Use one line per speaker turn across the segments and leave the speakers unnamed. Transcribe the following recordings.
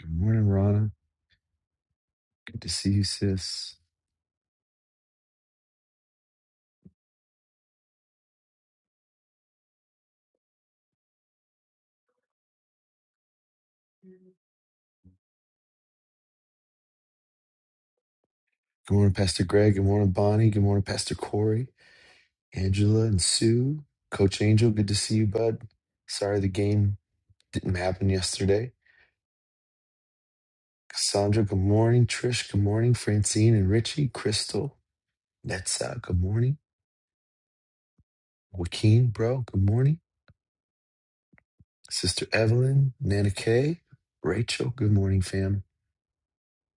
Good morning, Rana. Good to see you, sis. Good morning, Pastor Greg. Good morning, Bonnie. Good morning, Pastor Corey, Angela, and Sue. Coach Angel, good to see you, bud. Sorry the game didn't happen yesterday. Cassandra, good morning. Trish, good morning. Francine and Richie, Crystal, Netza, good morning. Joaquin, bro, good morning. Sister Evelyn, Nana Kay, Rachel, good morning, fam.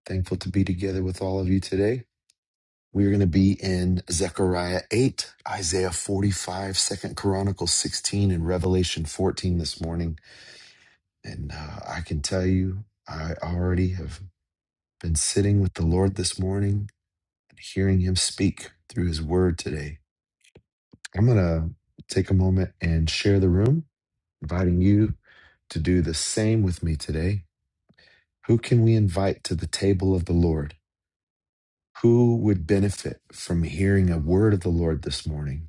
Thankful to be together with all of you today. We are going to be in Zechariah 8, Isaiah 45, Second Chronicles 16, and Revelation 14 this morning. And uh, I can tell you, I already have been sitting with the Lord this morning, and hearing him speak through his word today. I'm going to take a moment and share the room, inviting you to do the same with me today. Who can we invite to the table of the Lord? Who would benefit from hearing a word of the Lord this morning?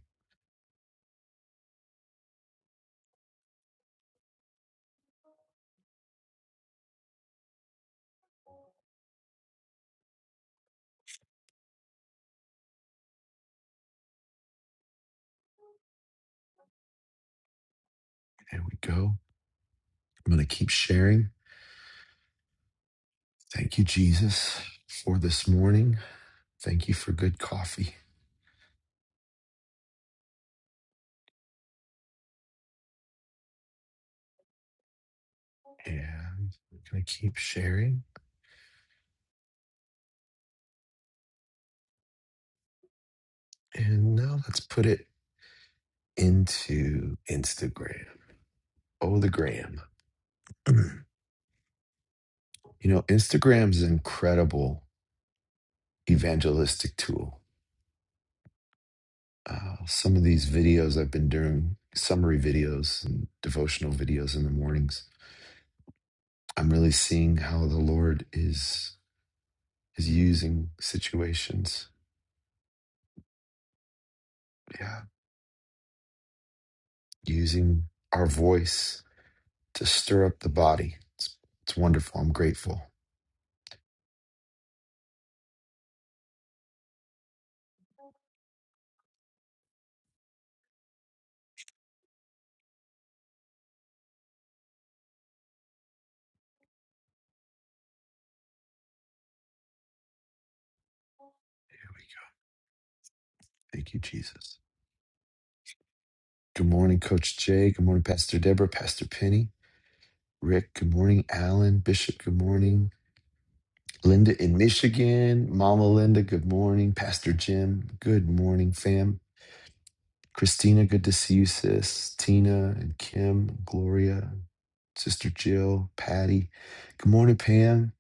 There we go. I'm going to keep sharing. Thank you, Jesus, for this morning. Thank you for good coffee. And we're going to keep sharing. And now let's put it into Instagram. Oh, the gram. you know, Instagram's an incredible evangelistic tool. Uh, some of these videos I've been doing, summary videos and devotional videos in the mornings, I'm really seeing how the Lord is is using situations. Yeah, using our voice to stir up the body. It's, it's wonderful. I'm grateful. Here we go. Thank you, Jesus. Good morning, Coach Jay. Good morning, Pastor Deborah, Pastor Penny, Rick. Good morning, Alan, Bishop. Good morning, Linda in Michigan, Mama Linda. Good morning, Pastor Jim. Good morning, fam. Christina, good to see you, sis. Tina and Kim, Gloria, Sister Jill, Patty. Good morning, Pam,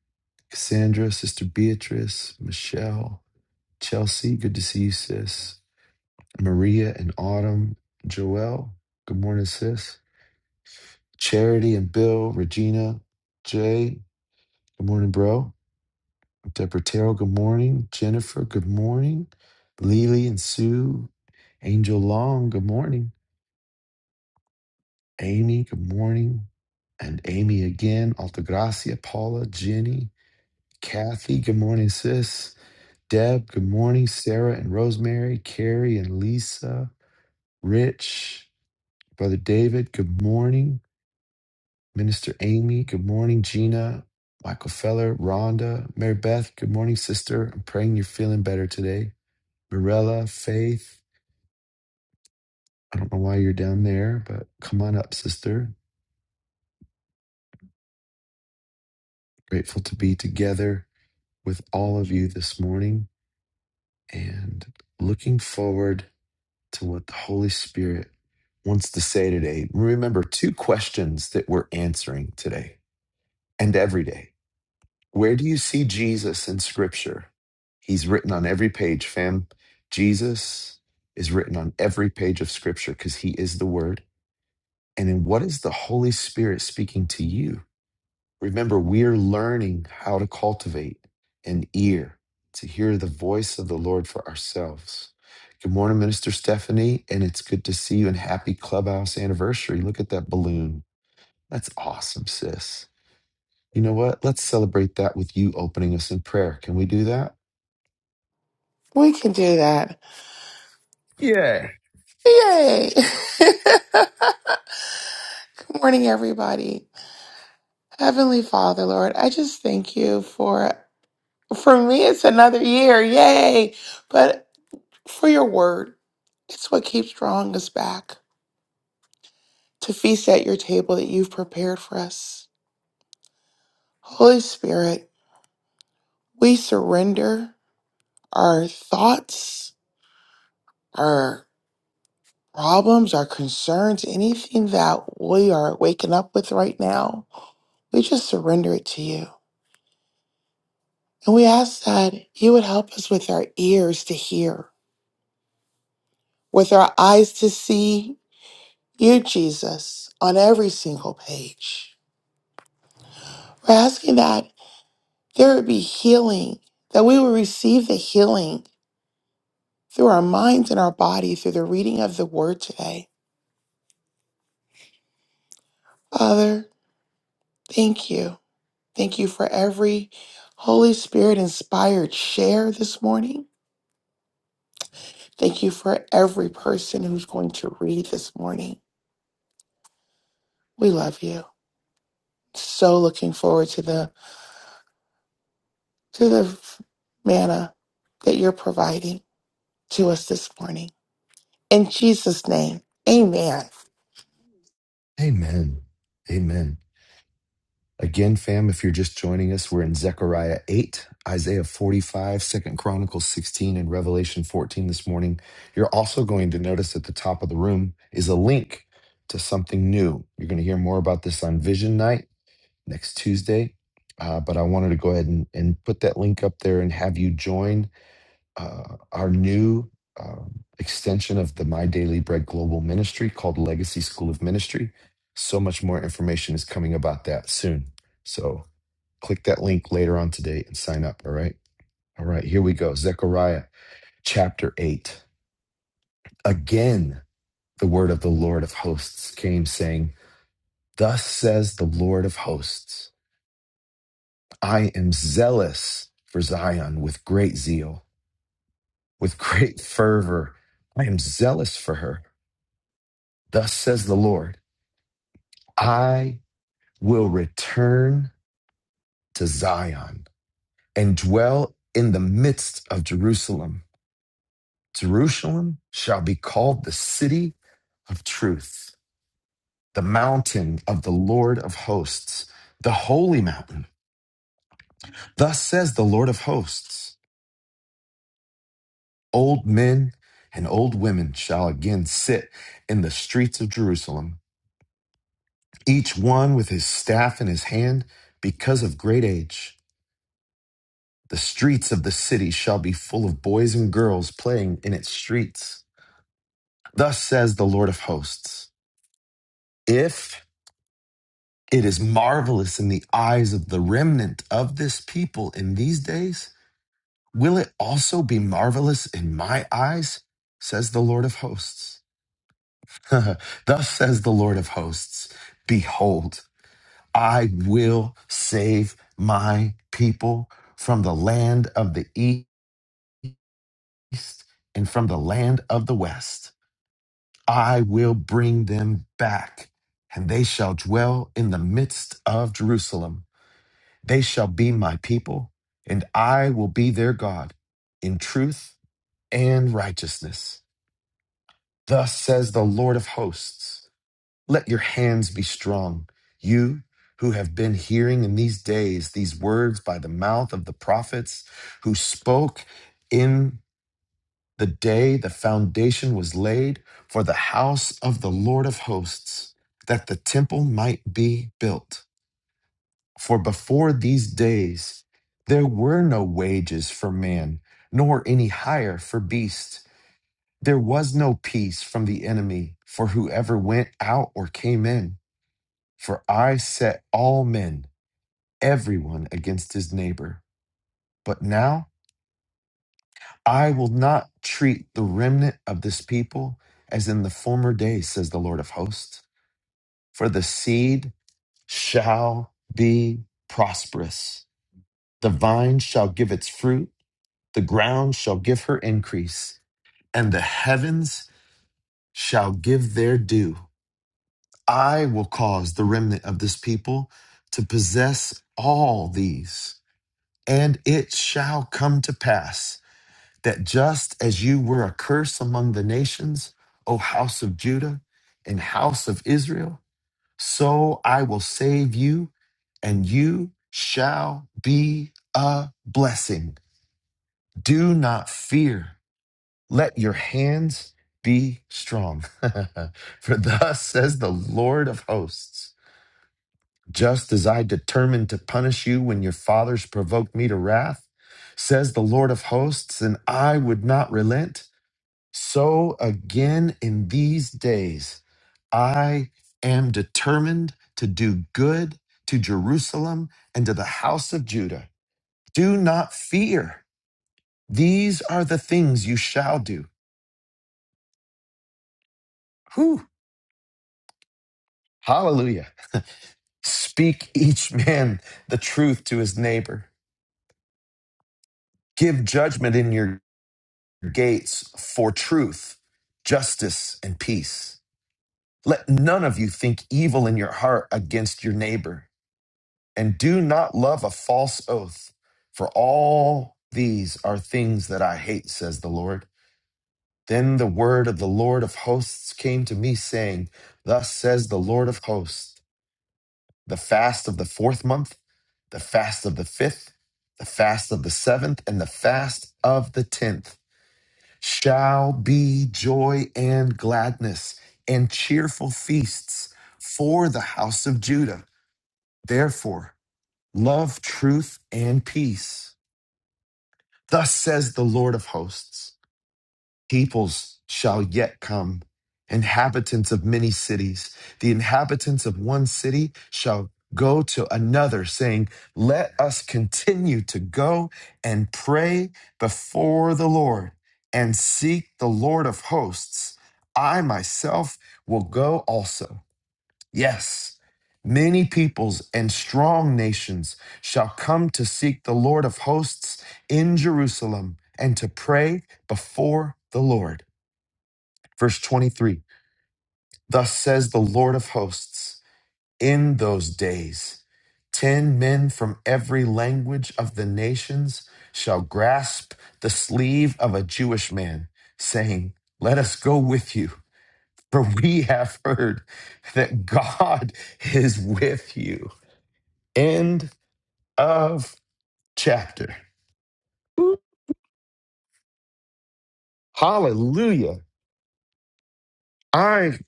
Cassandra, Sister Beatrice, Michelle. Chelsea, good to see you, sis. Maria and Autumn, Joelle, good morning, sis. Charity and Bill, Regina, Jay, good morning, bro. Deborah Terrell, good morning. Jennifer, good morning. Lily and Sue, Angel Long, good morning. Amy, good morning. And Amy again, Altagracia, Paula, Jenny, Kathy, good morning, sis. Deb, good morning. Sarah and Rosemary, Carrie and Lisa, Rich. Brother David, good morning. Minister Amy, good morning. Gina, Michael Feller, Rhonda, Mary Beth, good morning, sister. I'm praying you're feeling better today. Mirella, Faith, I don't know why you're down there, but come on up, sister. Grateful to be together with all of you this morning and looking forward to what the Holy Spirit wants to say today. Remember, two questions that we're answering today and every day. Where do you see Jesus in scripture? He's written on every page, fam. Jesus is written on every page of scripture because he is the word. And in what is the Holy Spirit speaking to you? Remember, we're learning how to cultivate an ear to hear the voice of the Lord for ourselves. Good morning, Minister Stephanie, and it's good to see you and happy clubhouse anniversary. Look at that balloon. That's awesome, sis. You know what? Let's celebrate that with you opening us in prayer. Can we do that?
We can do that.
Yeah.
Yay! Good morning, everybody. Heavenly Father, Lord, I just thank you for, for me, it's another year. Yay! But for your word, it's what keeps drawing us back to feast at your table that you've prepared for us. Holy Spirit, we surrender our thoughts, our problems, our concerns, anything that we are waking up with right now. We just surrender it to you. And we ask that you would help us with our ears to hear, with our eyes to see you, Jesus, on every single page. We're asking that there would be healing, that we will receive the healing through our minds and our body through the reading of the word today. Father, thank you. Thank you for every Holy Spirit inspired share this morning. Thank you for every person who's going to read this morning. We love you. So looking forward to the to the manna that you're providing to us this morning. In Jesus' name, amen.
Amen. Amen. Again, fam, if you're just joining us, we're in Zechariah 8, Isaiah 45, Second Chronicles 16, and Revelation 14 this morning. You're also going to notice at the top of the room is a link to something new. You're going to hear more about this on Vision Night next Tuesday. Uh, but I wanted to go ahead and, and put that link up there and have you join uh, our new um, extension of the My Daily Bread Global Ministry called Legacy School of Ministry. So much more information is coming about that soon. So click that link later on today and sign up. All right. All right. Here we go. Zechariah chapter 8. Again, the word of the Lord of hosts came saying, Thus says the Lord of hosts, I am zealous for Zion with great zeal, with great fervor. I am zealous for her Thus says the Lord, I will return to Zion and dwell in the midst of Jerusalem. Jerusalem shall be called the city of truth, the mountain of the Lord of hosts, the holy mountain. Thus says the Lord of hosts, old men and old women shall again sit in the streets of Jerusalem, each one with his staff in his hand because of great age. The streets of the city shall be full of boys and girls playing in its streets. Thus says the Lord of hosts If it is marvelous in the eyes of the remnant of this people in these days, will it also be marvelous in my eyes? Says the Lord of hosts. Thus says the Lord of hosts Behold, I will save my people from the land of the east and from the land of the west. I will bring them back, and they shall dwell in the midst of Jerusalem. They shall be my people, and I will be their God in truth and righteousness. Thus says the Lord of hosts Let your hands be strong, you who have been hearing in these days these words by the mouth of the prophets who spoke. in the day the foundation was laid for the house of the Lord of hosts, that the temple might be built. For before these days there were no wages for man, nor any hire for beast. There was no peace from the enemy for whoever went out or came in. For I set all men, everyone against his neighbor. But now, I will not treat the remnant of this people as in the former days, says the Lord of hosts. For the seed shall be prosperous, the vine shall give its fruit, the ground shall give her increase, and the heavens shall give their due. I will cause the remnant of this people to possess all these, and it shall come to pass that just as you were a curse among the nations, O house of Judah and house of Israel, so I will save you, and you shall be a blessing. Do not fear. Let your hands be strong. For thus says the Lord of hosts Just as I determined to punish you when your fathers provoked me to wrath, says the Lord of hosts, and I would not relent. So again, in these days, I am determined to do good to Jerusalem and to the house of Judah. Do not fear. These are the things you shall do. Whew. Hallelujah. Speak each man the truth to his neighbor. Give judgment in your gates for truth, justice, and peace. Let none of you think evil in your heart against your neighbor and do not love a false oath, for all these are things that I hate, says the Lord. Then the word of the Lord of hosts came to me, saying, Thus says the Lord of hosts, the fast of the fourth month, the fast of the fifth, the fast of the seventh, and the fast of the tenth shall be joy and gladness and cheerful feasts for the house of Judah. Therefore, love truth and peace Thus says the Lord of hosts peoples shall yet come, inhabitants of many cities. The inhabitants of one city shall go to another, saying, Let us continue to go and pray before the Lord and seek the Lord of hosts. I myself will go also. Yes, many peoples and strong nations shall come to seek the Lord of hosts in Jerusalem and to pray before the Lord. Verse 23 Thus says the Lord of hosts, in those days, ten men from every language of the nations shall grasp the sleeve of a Jewish man, saying, Let us go with you, for we have heard that God is with you. End of chapter. Woo. Hallelujah. I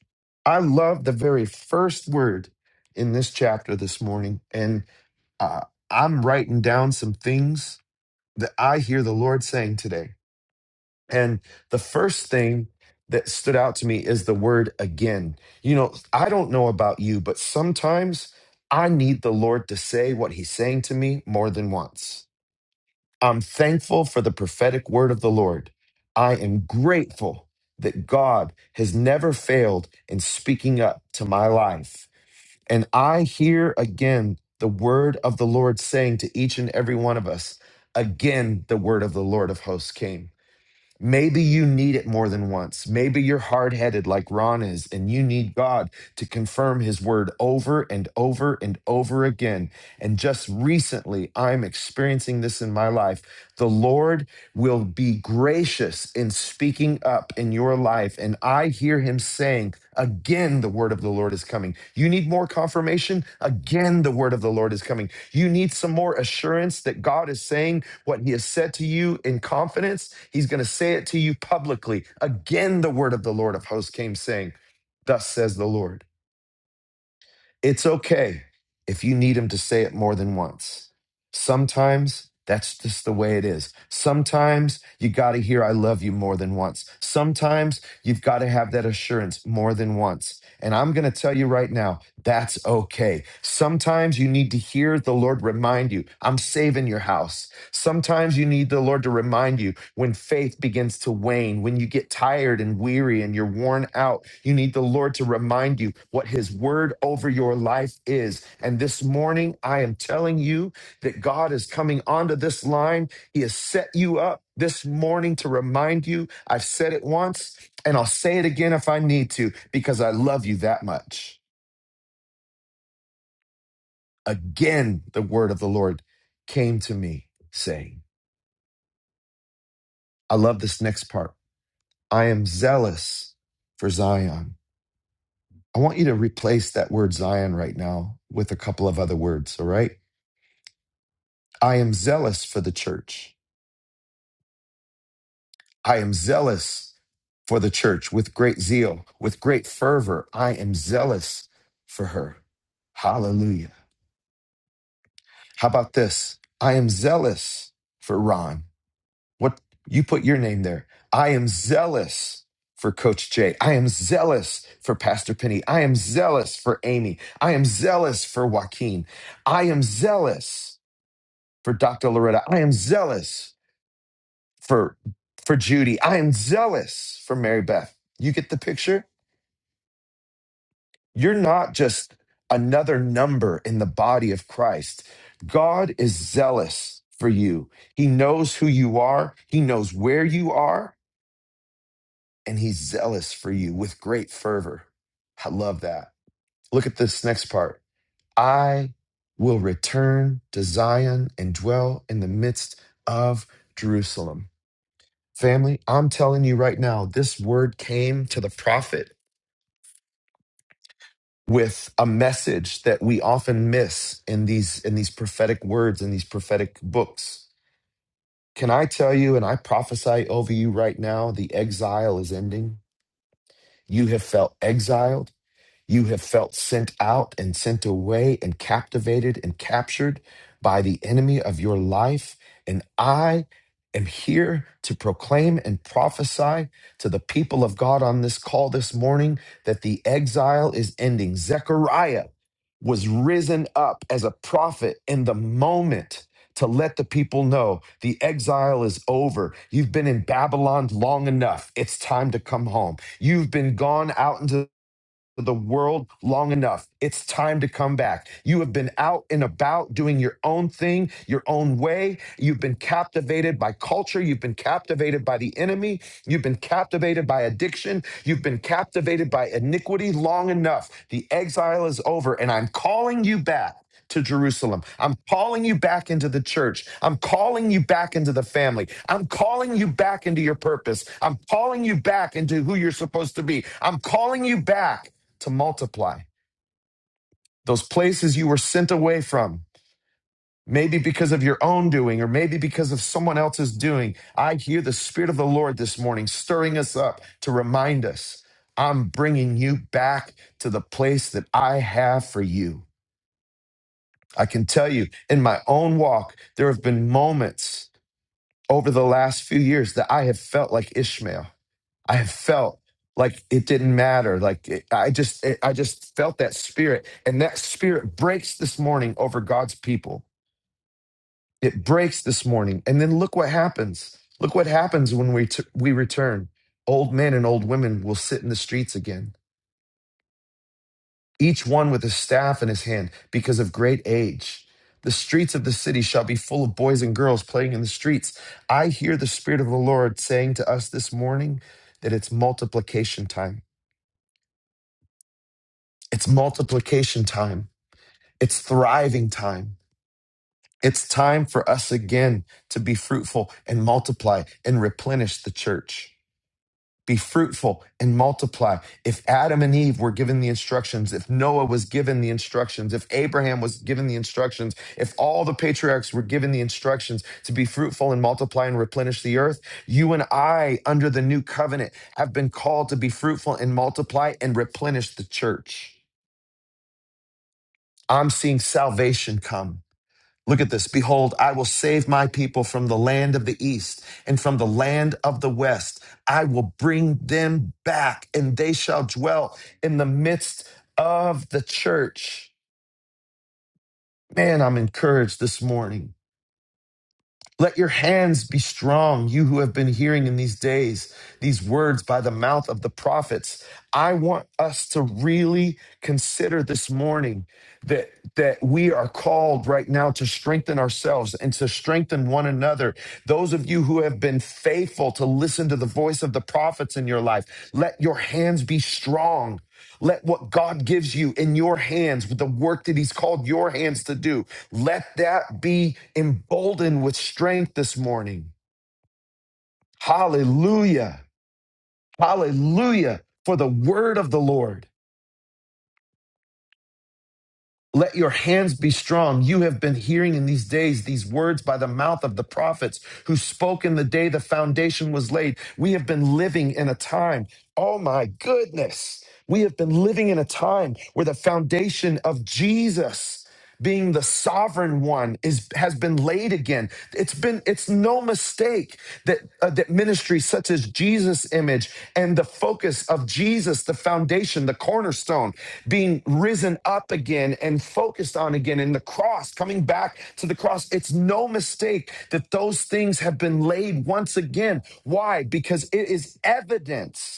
I love the very first word in this chapter this morning, and uh, I'm writing down some things that I hear the Lord saying today. And the first thing that stood out to me is the word again. You know, I don't know about you, but sometimes I need the Lord to say what He's saying to me more than once. I'm thankful for the prophetic word of the Lord. I am grateful that God has never failed in speaking up to my life. And I hear again the word of the Lord saying to each and every one of us, again, the word of the Lord of hosts came. Maybe you need it more than once. Maybe you're hard headed like Ron is, and you need God to confirm his word over and over and over again. And just recently, I'm experiencing this in my life. The Lord will be gracious in speaking up in your life. And I hear him saying, Again, the word of the Lord is coming. You need more confirmation? Again, the word of the Lord is coming. You need some more assurance that God is saying, what he has said to you in confidence, he's going to say it to you publicly. Again, the word of the Lord of hosts came saying, Thus says the Lord. It's okay if you need him to say it more than once. Sometimes that's just the way it is. Sometimes you got to hear, I love you more than once. Sometimes You've got to have that assurance more than once. And I'm going to tell you right now, that's okay. Sometimes you need to hear the Lord remind you, I'm saving your house. Sometimes you need the Lord to remind you when faith begins to wane, when you get tired and weary and you're worn out. You need the Lord to remind you what his word over your life is. And this morning, I am telling you that God is coming onto this line. He has set you up this morning to remind you. I've said it once. And I'll say it again if I need to, because I love you that much. Again, the word of the Lord came to me, saying, I love this next part. I am zealous for Zion. I want you to replace that word Zion right now with a couple of other words, all right? I am zealous for the church. I am zealous for the church with great zeal, with great fervor. I am zealous for her. Hallelujah. How about this? I am zealous for Ron. What you put your name there. I am zealous for Coach Jay. I am zealous for Pastor Penny. I am zealous for Amy. I am zealous for Joaquin. I am zealous for Dr. Loretta. I am zealous for for Judy. I am zealous for Mary Beth. You get the picture? You're not just another number in the body of Christ. God is zealous for you. He knows who you are. He knows where you are. and he's zealous for you with great fervor. I love that. Look at this next part. I will return to Zion and dwell in the midst of Jerusalem. Family, I'm telling you right now, this word came to the prophet with a message that we often miss in these in these prophetic words in these prophetic books. Can I tell you and I prophesy over you right now the exile is ending? You have felt exiled You have felt sent out and sent away and captivated and captured by the enemy of your life. And I am here to proclaim and prophesy to the people of God on this call this morning that the exile is ending. Zechariah was risen up as a prophet in the moment to let the people know the exile is over. You've been in Babylon long enough. It's time to come home. You've been gone out into the world long enough. It's time to come back. You have been out and about doing your own thing, your own way. You've been captivated by culture. You've been captivated by the enemy. You've been captivated by addiction. You've been captivated by iniquity long enough. The exile is over, and I'm calling you back. To Jerusalem. I'm calling you back into the church. I'm calling you back into the family. I'm calling you back into your purpose. I'm calling you back into who you're supposed to be. I'm calling you back to multiply. Those places you were sent away from, maybe because of your own doing or maybe because of someone else's doing. I hear the Spirit of the Lord this morning stirring us up to remind us I'm bringing you back to the place that I have for you. I can tell you in my own walk, there have been moments over the last few years that I have felt like Ishmael. I have felt like it didn't matter. Like it, I just, it, I just felt that spirit, and that spirit breaks this morning over God's people. It breaks this morning, and then look what happens. Look what happens when we t- we return. Old men and old women will sit in the streets again, each one with a staff in his hand, because of great age. The streets of the city shall be full of boys and girls playing in the streets. I hear the Spirit of the Lord saying to us this morning that it's multiplication time It's multiplication time. It's thriving time. It's time for us again to be fruitful and multiply and replenish the church. Be fruitful and multiply. If Adam and Eve were given the instructions, if Noah was given the instructions, if Abraham was given the instructions, if all the patriarchs were given the instructions to be fruitful and multiply and replenish the earth, you and I, under the new covenant, have been called to be fruitful and multiply and replenish the church. I'm seeing salvation come. Look at this. Behold, I will save my people from the land of the east and from the land of the west. I will bring them back and they shall dwell in the midst of the church. Man, I'm encouraged this morning. Let your hands be strong, you who have been hearing in these days these words by the mouth of the prophets. I want us to really consider this morning that, that we are called right now to strengthen ourselves and to strengthen one another. Those of you who have been faithful to listen to the voice of the prophets in your life, let your hands be strong. Let what God gives you in your hands, with the work that He's called your hands to do, let that be emboldened with strength this morning. Hallelujah. Hallelujah for the word of the Lord. Let your hands be strong. You have been hearing in these days these words by the mouth of the prophets who spoke in the day the foundation was laid. We have been living in a time, oh my goodness, we have been living in a time where the foundation of Jesus. being the sovereign one is has been laid again it's been it's no mistake that uh, that ministries such as jesus image and the focus of jesus the foundation the cornerstone being risen up again and focused on again and the cross coming back to the cross it's no mistake that those things have been laid once again why because it is evidence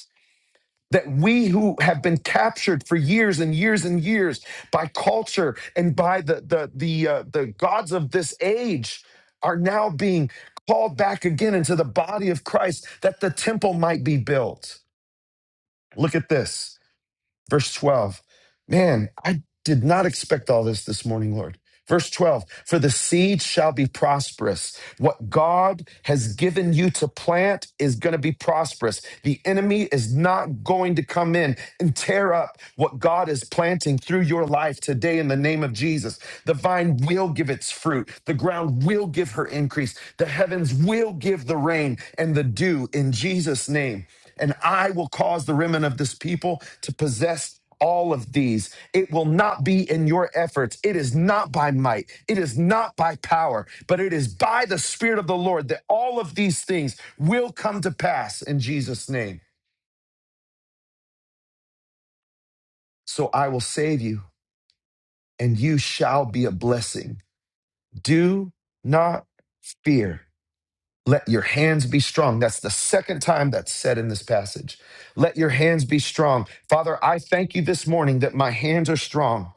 that we who have been captured for years and years and years by culture and by the the the uh, the gods of this age are now being called back again into the body of Christ that the temple might be built. Look at this, verse 12. Man, I. Did not expect all this this morning, Lord. Verse 12, for the seed shall be prosperous. What God has given you to plant is going to be prosperous. The enemy is not going to come in and tear up what God is planting through your life today in the name of Jesus. The vine will give its fruit, the ground will give her increase, the heavens will give the rain and the dew in Jesus' name. And I will cause the remnant of this people to possess all of these. It will not be in your efforts. It is not by might. It is not by power, but it is by the Spirit of the Lord that all of these things will come to pass in Jesus' name. So I will save you, and you shall be a blessing. Do not fear. Let your hands be strong. That's the second time that's said in this passage. Let your hands be strong. Father, I thank you this morning that my hands are strong.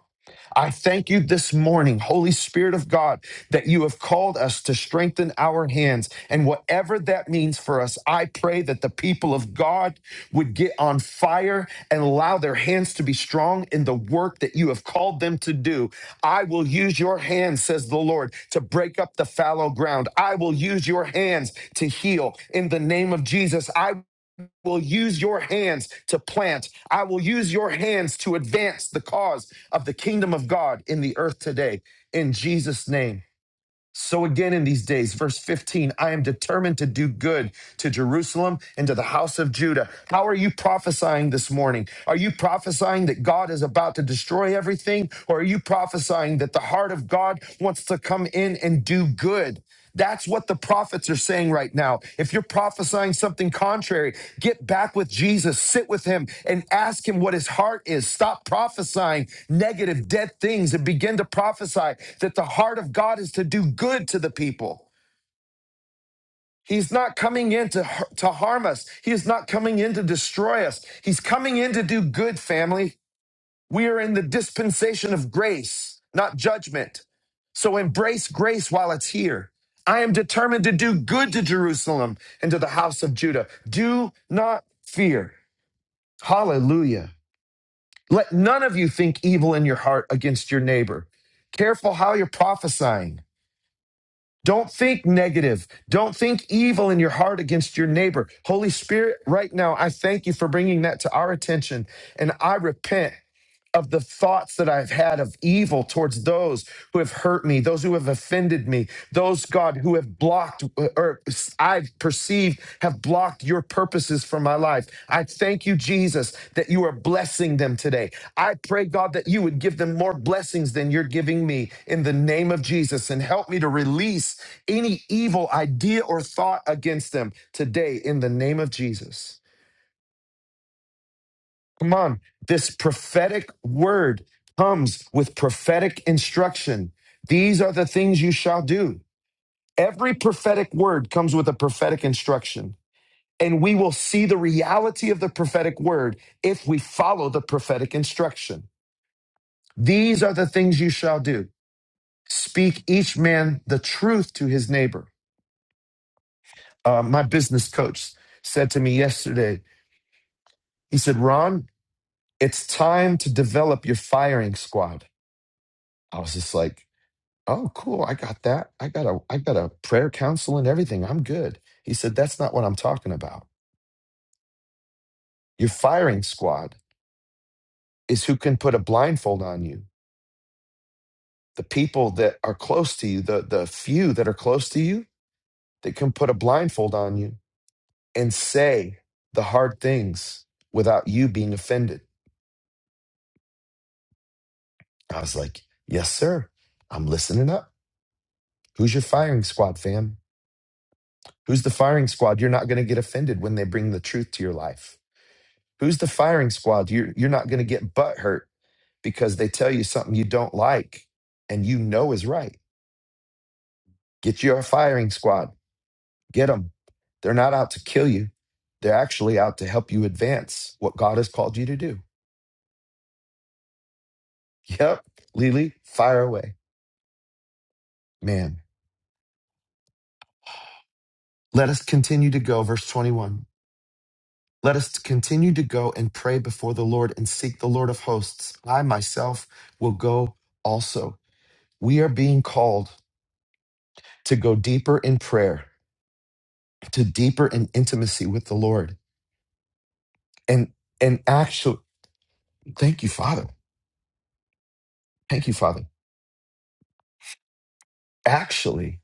I thank you this morning, Holy Spirit of God, that you have called us to strengthen our hands. And whatever that means for us, I pray that the people of God would get on fire and allow their hands to be strong in the work that you have called them to do. I will use your hands, says the Lord, to break up the the fallow ground. I I. will use your hands to heal in the name of Jesus. I will use your hands to plant. I will use your hands to advance the cause of the kingdom of God in the earth today, in Jesus' name. So, again, in these days, verse 15, I am determined to do good to Jerusalem and to the house of Judah. How are you prophesying this morning? Are you prophesying that God is about to destroy everything? Or are you prophesying that the heart of God wants to come in and do good? That's what the prophets are saying right now. If you're prophesying something contrary, get back with Jesus, sit with him, and ask him what his heart is. Stop prophesying negative, dead things and begin to prophesy that the heart of God is to do good to the people. He's not coming in to, to harm us, he is not coming in to destroy us. He's coming in to do good, family. We are in the dispensation of grace, not judgment. So embrace grace while it's here. I am determined to do good to Jerusalem and to the house of Judah. Do not fear. Hallelujah. Let none of you think evil in your heart against your neighbor. Careful how you're prophesying. Don't think negative. Don't think evil in your heart against your neighbor. Holy Spirit, right now, I thank you for bringing that to our attention. And I repent of the thoughts that I've had of evil towards those who have hurt me, those who have offended me, those, God, who have blocked uh, or I've perceived have blocked your purposes for my life. I thank you, Jesus, that you are blessing them today. I pray, God, that you would give them more blessings than you're giving me in the name of Jesus and help me to release any evil idea or thought against them today in the name of Jesus. Come on. This prophetic word comes with prophetic instruction. These are the things you shall do. Every prophetic word comes with a prophetic instruction. And we will see the reality of the prophetic word if we follow the prophetic instruction. These are the things you shall do. Speak each man the truth to his neighbor. Uh, my business coach said to me yesterday, he said, Ron, it's time to develop your firing squad. I was just like, Oh, cool. I got that. I got a I got a prayer council and everything. I'm good. He said, That's not what I'm talking about. Your firing squad is who can put a blindfold on you. The people that are close to you, the the few that are close to you that can put a blindfold on you and say the hard things without you being offended. I was like, Yes, sir. I'm listening up. Who's your firing squad, fam? Who's the firing squad? You're not going to get offended when they bring the truth to your life. Who's the firing squad? You're you're not going to get butt hurt because they tell you something you don't like and you know is right. Get your firing squad. Get them. They're not out to kill you. They're actually out to help you advance what God has called you to do. Yep. Lily, fire away. Man, let us continue to go. Verse 21. Let us continue to go and pray before the Lord and seek the Lord of hosts. I myself will go also. We are being called to go deeper in prayer to deeper in intimacy with the Lord. And and actually, thank you, Father. Thank you, Father. Actually,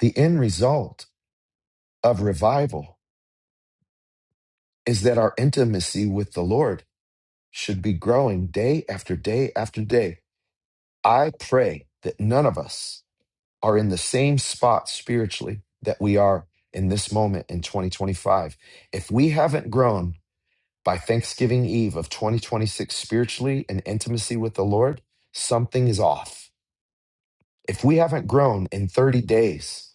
the end result of revival is that our intimacy with the Lord should be growing day after day after day. I pray that none of us are in the same spot spiritually that we are in this moment in 2025. If we haven't grown by Thanksgiving Eve of 2026 spiritually in intimacy with the Lord, something is off If we haven't grown in 30 days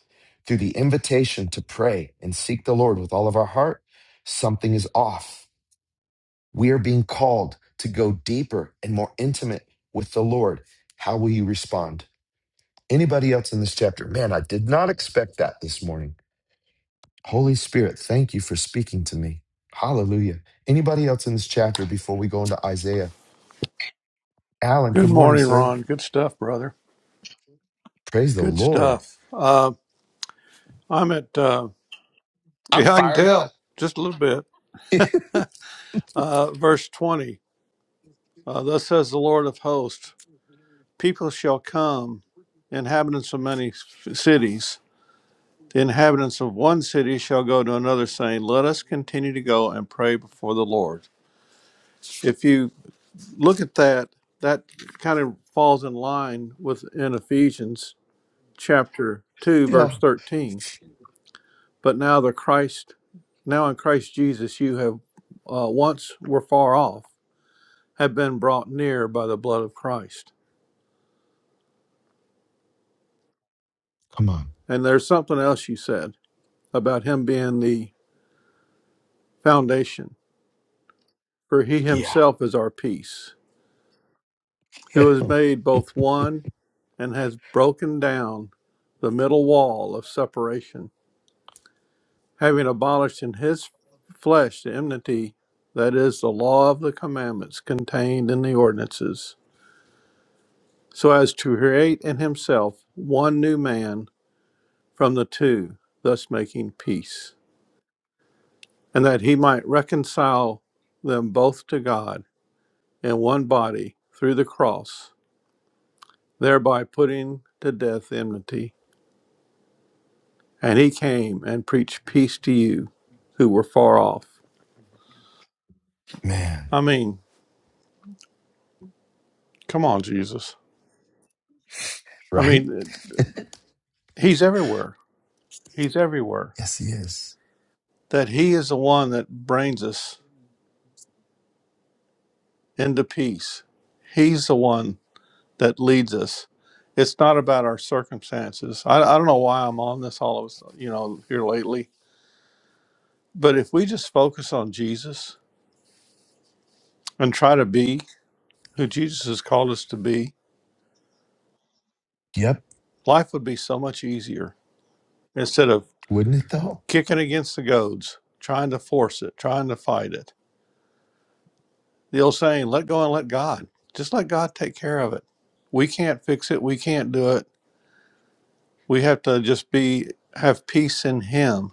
through the invitation to pray and seek the Lord with all of our heart, something is off. We are being called to go deeper and more intimate with the Lord. How will you respond? Anybody else in this chapter? Man, I did not expect that this morning. Holy Spirit, thank you for speaking to me. Hallelujah. Anybody else in this chapter before we go into Isaiah? Alan,
Good
good morning,
morning,
sir.
Ron. Good stuff, brother.
Praise the
Good
Lord.
stuff. Uh, I'm at, uh,
I'm
yeah, I can
fired up.
tell just a little bit. Uh, verse 20 uh, Thus says the Lord of hosts, people shall come,
wouldn't be able to do
inhabitants of
that.
many f- cities. The inhabitants of one
We
city shall go
only
to
to
another,
bring to
saying,
the
Let us
family
continue
unit.
to go and pray before the Lord. If you look at that, that kind of falls in line with in Ephesians chapter 2,
Yeah.
verse 13 But now the Christ, now in Christ Jesus, you have uh, once were far off, have been brought near by the blood of Christ.
Come on.
And there's something else you said about him being the foundation, for he
Yeah.
himself is our peace,
Yeah.
who has made both one and has broken down the middle wall of separation, having abolished in his flesh the enmity that is the law of the commandments contained in the ordinances so as to create in himself one new man from the two, thus making peace, and that he might reconcile them both to God in one body through the cross, thereby putting to death enmity. And he came and preached peace to you who were far off.
Man.
I mean, come on, Jesus. I
Right?
mean, he's everywhere. He's everywhere.
Yes, he is.
That he is the one that brings us into peace. He's the one that leads us. It's not about our circumstances. I, I don't know why I'm on this all of us, you know, here lately. But if we just focus on Jesus and try to be who Jesus has called us to be,
Yep.
life would be so much easier instead of
Wouldn't it though?
kicking against the goads, trying to force it, trying to fight it. The old saying, let go and let God. Just let God take care of it. We can't fix it. We can't do it. We have to just be have peace in him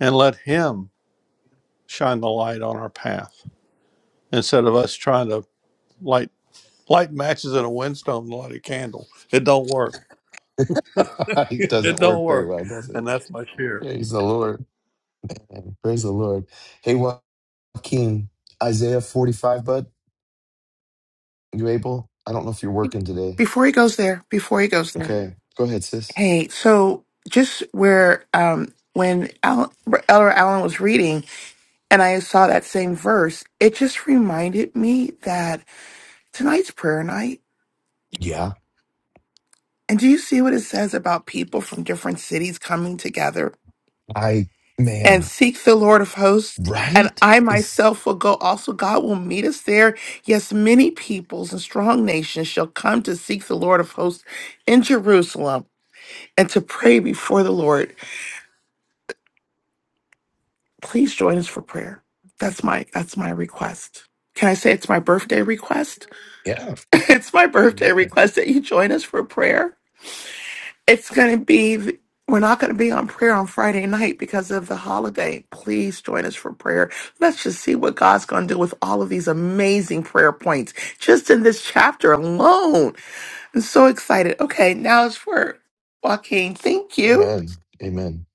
and let him shine the light on our path instead of us trying to light light matches in a windstorm and light a candle. It don't work.
it
it
doesn't
don't
work very
work.
well, does
And
it?
that's my share.
Praise the Lord. man. Praise the Lord. Hey, Joaquin, Isaiah 45, bud. You able? I don't know if you're working today.
Before he goes there, before he goes there.
Okay. Go ahead, sis.
Hey, so just where um when Al- Elder Allen was reading and I saw that same verse, it just reminded me that tonight's prayer night.
Yeah.
And do you see what it says about people from different cities coming together
I,
and
man,
seek the Lord of hosts. And
right?
I
Is
myself will go also. God will meet us there. Yes, many peoples and strong nations shall come to seek the Lord of hosts in Jerusalem and to pray before the Lord. Please join us for prayer. That's my that's my request. Can I say it's my birthday request?
yeah.
it's my birthday
Amen.
request that you join us for prayer. It's going to be, we're not going to be on prayer on Friday night because of the holiday. Please join us for prayer. Let's just see what God's going to do with all of these amazing prayer points just in this chapter alone. I'm so excited. Okay, now it's for Joaquin. Thank you.
Amen. Amen.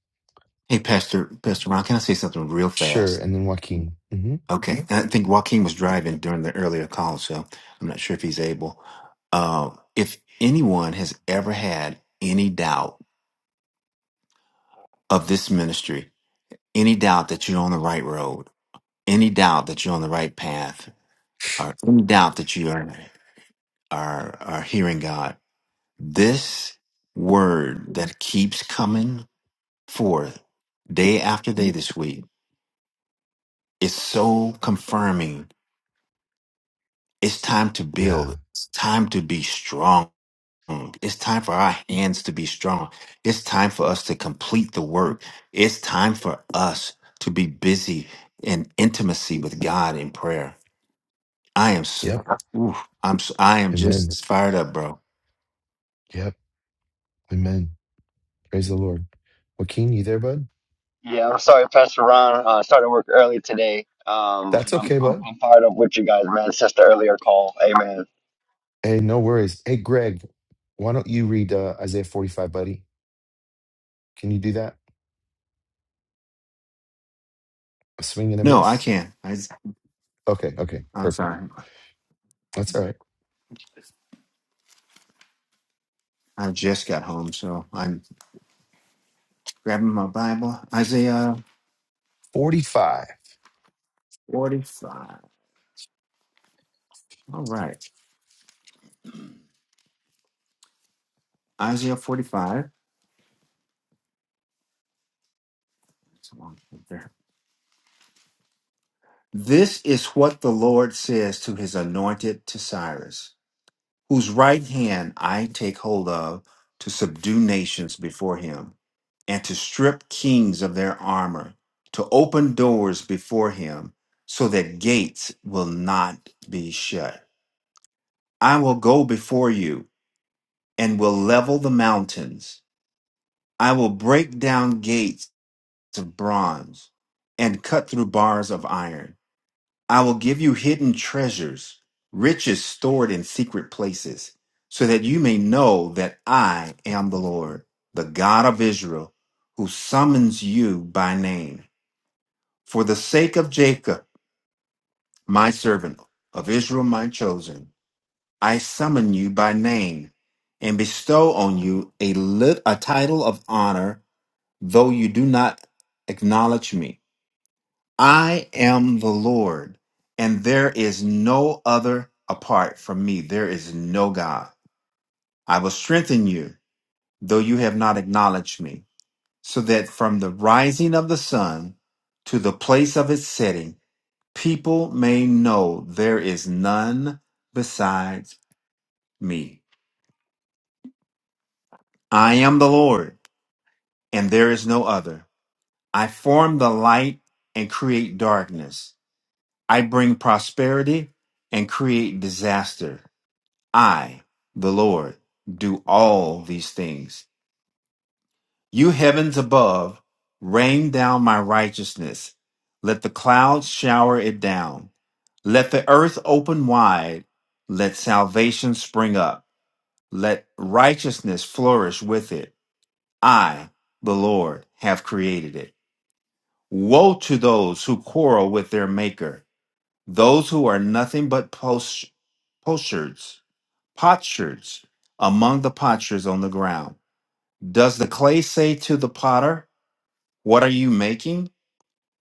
Hey, Pastor, Pastor Ron, can I say something real
Sure.
fast?
And then Joaquin. hmm
Okay. Mhm. I think Joaquin was driving during the earlier call, so I'm not sure if he's able. Uh, if anyone has ever had any doubt of this ministry, any doubt that you're on the right road, any doubt that you're on the right path, or any doubt that you are, are, are hearing God, this word that keeps coming forth day after day this week is so confirming It's time to
Yeah.
build. It's time to be strong. It's time for our hands to be strong. It's time for us to complete the work. It's time for us to be busy in intimacy with God in prayer. I am so,
Yep.
oof, I'm s- i am I am just
Amen.
as fired up, bro.
Yep. Amen. Praise the Lord. Joaquin, you there, bud?
Yeah, I'm sorry, Pastor Ron. Uh, started work early today. Um,
That's
I'm,
okay,
I'm
bud.
I'm fired up with you guys, man. It's just an earlier call. Amen.
Hey, no worries. Hey, Greg, why don't you read uh, Isaiah 45, buddy? Can you do that? A swing and a
No, I
miss?
can't. I
Okay. Okay.
I'm
Perfect.
sorry.
That's all right.
I just got home, so I'm grabbing my Bible. Isaiah
45.
45. All right. Isaiah 45. It's a long chapter. This is what the Lord says to his anointed to Cyrus, whose right hand I take hold of to subdue nations before him, and to strip kings of their armor, to open doors before him, so that gates will not be shut. I will go before you and will level the mountains. I will break down gates of bronze and cut through bars of iron. I will give you hidden treasures, riches stored in secret places, so that you may know that I am the Lord, the God of Israel, who summons you by name. For the sake of Jacob, my servant, of Israel, my chosen, I summon you by name and bestow on you a, lit- a title of honor, though you do not acknowledge me. I am the Lord, and there is no other apart from me. There is no God. I will strengthen you, though you have not acknowledged me, so that from the rising of the sun to the place of its setting, people may know there is none besides me. I am the Lord, and there is no other. I form the light and create darkness. I bring prosperity and create disaster. I, the Lord, do all these things. You heavens above, rain down my righteousness. Let the clouds shower it down. Let the earth open wide. Let salvation spring up. Let righteousness flourish with it. I, the Lord, have created it. Woe to those who quarrel with their maker, those who are nothing but posh- potsherds, potsherds among the potsherds on the ground. Does the clay say to the potter, What are you making?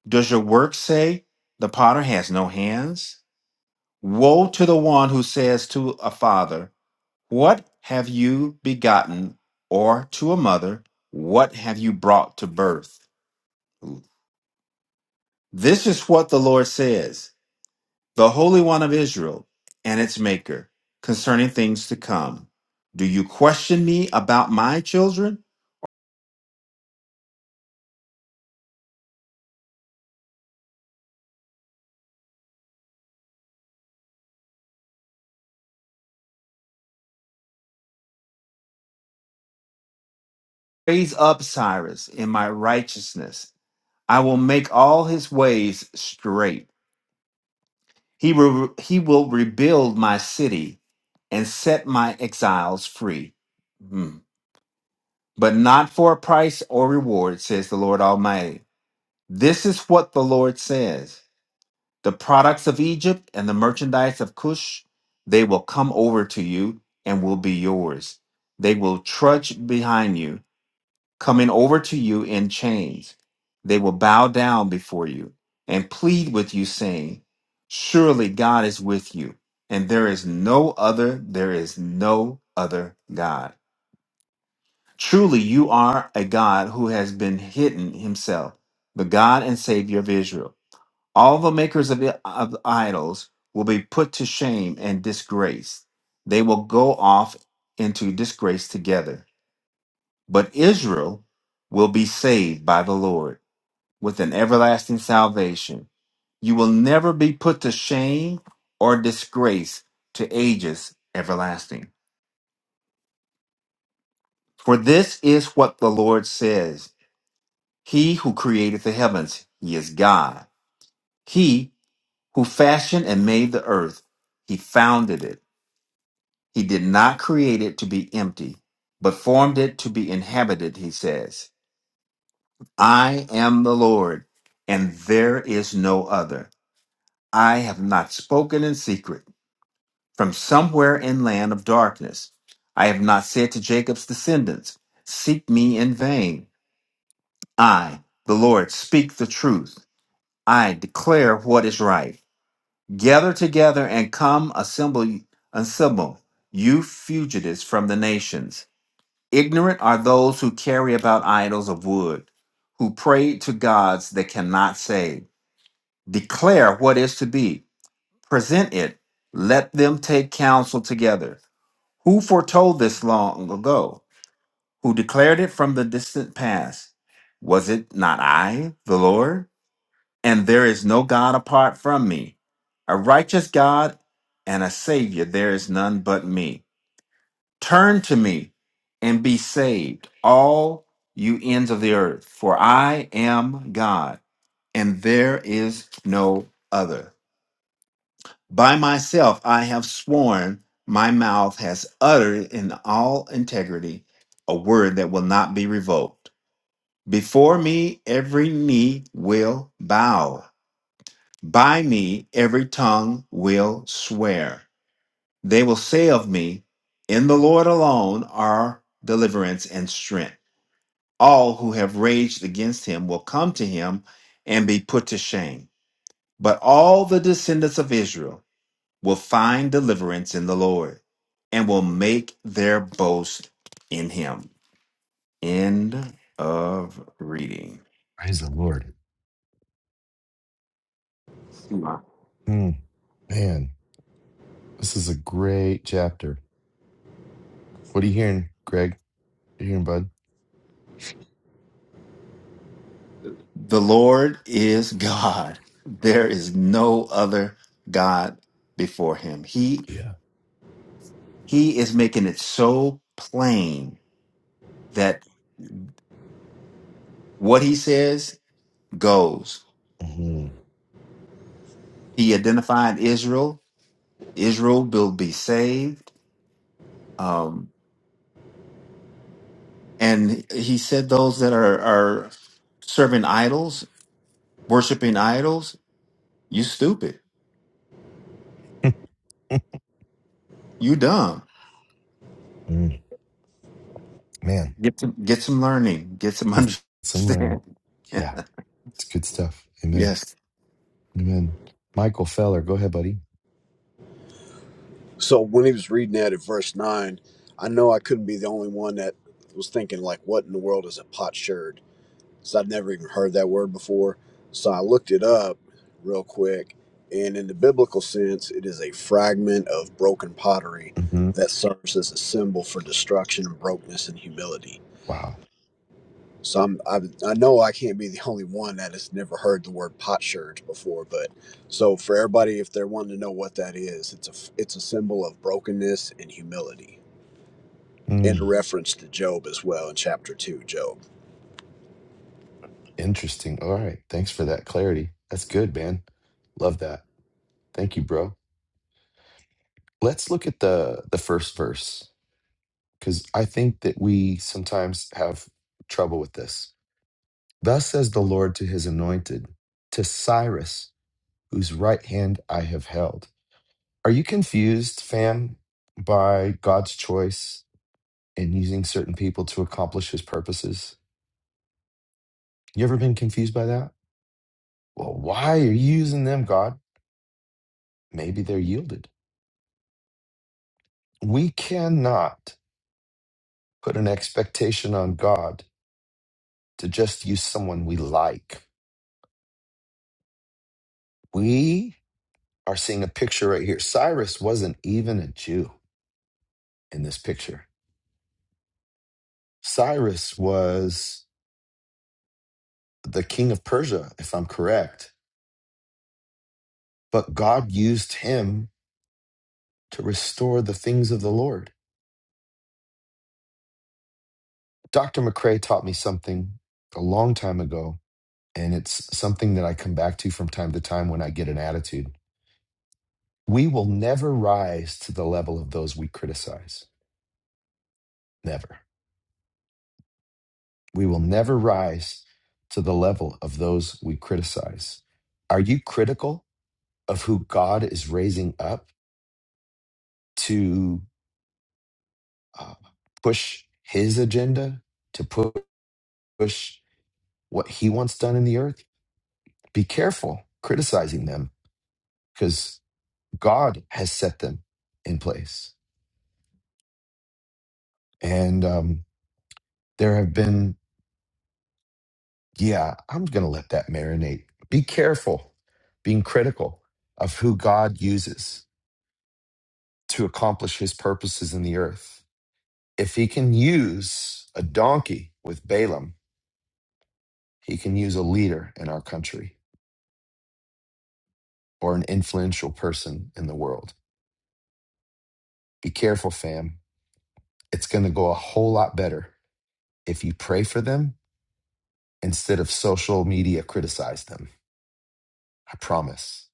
Does your work say, The potter has no hands? Woe to the one who says to a father, What have you begotten? Or to a mother, What have you brought to birth? This is what the Lord says, the Holy One of Israel and its Maker, concerning things to come. Do you question me about my children? Raise up Cyrus in my righteousness I will make all his ways straight. He, re- he will rebuild my city and set my exiles free. Hmm. But not for a price or reward, says the Lord Almighty. This is what the Lord says The products of Egypt and the merchandise of Cush, they will come over to you and will be yours. They will trudge behind you coming over to you in chains. They will bow down before you and plead with you, saying, Surely God is with you, and there is no other, there is no other God. Truly, you are a God who has been hidden himself, the God and Savior of Israel. All the makers of, of idols will be put to shame and disgrace. They will go off into disgrace together but Israel will be saved by the Lord with an everlasting salvation. You will never be put to shame or disgrace to ages everlasting. For this is what the Lord says He who created the heavens, He is God. He who fashioned and made the earth, He founded it. He did not create it to be empty, but formed it to be inhabited, He says. I am the Lord, and there is no other. I have not spoken in secret from somewhere in land of darkness. I have not said to Jacob's descendants, Seek me in vain. I, the Lord, speak the truth. I declare what is right. Gather together and come assemble, assemble, you fugitives from the nations. Ignorant are those who carry about idols of wood, who pray to gods that cannot save. Declare what is to be. present it. Let them take counsel together. Who foretold this long ago? Who declared it from the distant past? Was it not I, the Lord? And there is no God apart from me, a righteous God and a Savior. There is none but me. Turn to me and be saved, all you ends of the earth, for I am God, and there is no other. By myself I have sworn, my mouth has uttered in all integrity a word that will not be revoked. Before me every knee will bow, by me every tongue will swear. They will say of me, In the Lord alone are deliverance and strength. All who have raged against him will come to him and be put to shame. But all the descendants of Israel, will find deliverance in the Lord and will make their boast in him. End of reading.
Praise the Lord. Mm, man. This is a great chapter. What are you hearing, Greg? You hearing Bud?
The Lord is God. There is no other God before him. He
Yeah.
he is making it so plain that what he says goes.
Mhm.
He identified Israel. Israel will be saved. Um. And he said those that are, are serving idols, worshiping idols, you stupid. You dumb.
Mm. Man,
Get some get some learning. Get some
it's some
understanding.
Yeah, it's good stuff. Amen.
yes.
Amen. Michael Feller, go ahead, buddy.
So when he was reading that at verse nine, I know I couldn't be the only one that was thinking like, "What in the world is a potsherd?" So I'd never even heard that word before. So I looked it up real quick, and in the biblical sense, it is a fragment of broken pottery
hmm
that serves as a symbol for destruction and brokenness and humility.
Wow.
So I'm, I, I know I can't be the only one that has never heard the word potsherd before, but so for everybody, if they're wanting to know what that is, it's a it's a symbol of brokenness and humility, and a
Mm.
reference to Job as well in chapter two, Job.
Interesting. All right. Thanks for that clarity. That's good, man. Love that. Thank you, bro. Let's look at the the first verse because I think that we sometimes have trouble with this. Thus says the Lord to his anointed, to Cyrus. whose right hand I have held. Are you confused, fam, by God's choice in using certain people to accomplish his purposes? You ever been confused by that? Well, why are you using them, God? Maybe they're yielded. We cannot put an expectation on God to just use someone we like. We are seeing a picture right here. Cyrus wasn't even a Jew in this picture. Cyrus was the king of Persia, if I'm correct but God used him to restore the things of the Lord. Dr. McRae taught me something a long time ago, and it's something that I come back to from time to time when I get an attitude. We will never rise to the level of those we criticize. Never. We will never rise to the level of those we criticize. Are you critical of who God is raising up to uh, push his agenda, to pu- push what he wants done in the earth? Be careful criticizing them because God has set them in place. And um, there have been, yeah, I'm going to let that marinate. Be careful being critical of who God uses to accomplish his purposes in the earth. If he can use a donkey with Balaam, he can use a leader in our country or an influential person in the world. Be careful, fam. It's going to go a whole lot better if you pray for them instead of social media criticize them. I promise.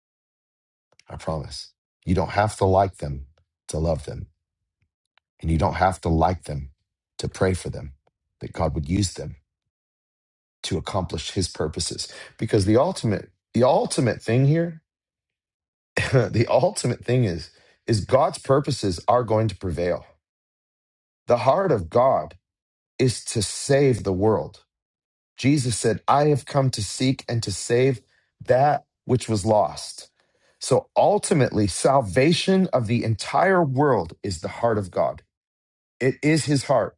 I promise. You don't have to like them to love them, and you don't have to like them to pray for them that God would use them to accomplish his purposes because the ultimate the ultimate thing here the ultimate thing is is God's purposes are going to prevail. The heart of God is to save the world. Jesus said, I have come to seek and to save that which was lost. So ultimately, salvation of the entire world is the heart of God. It is his heart,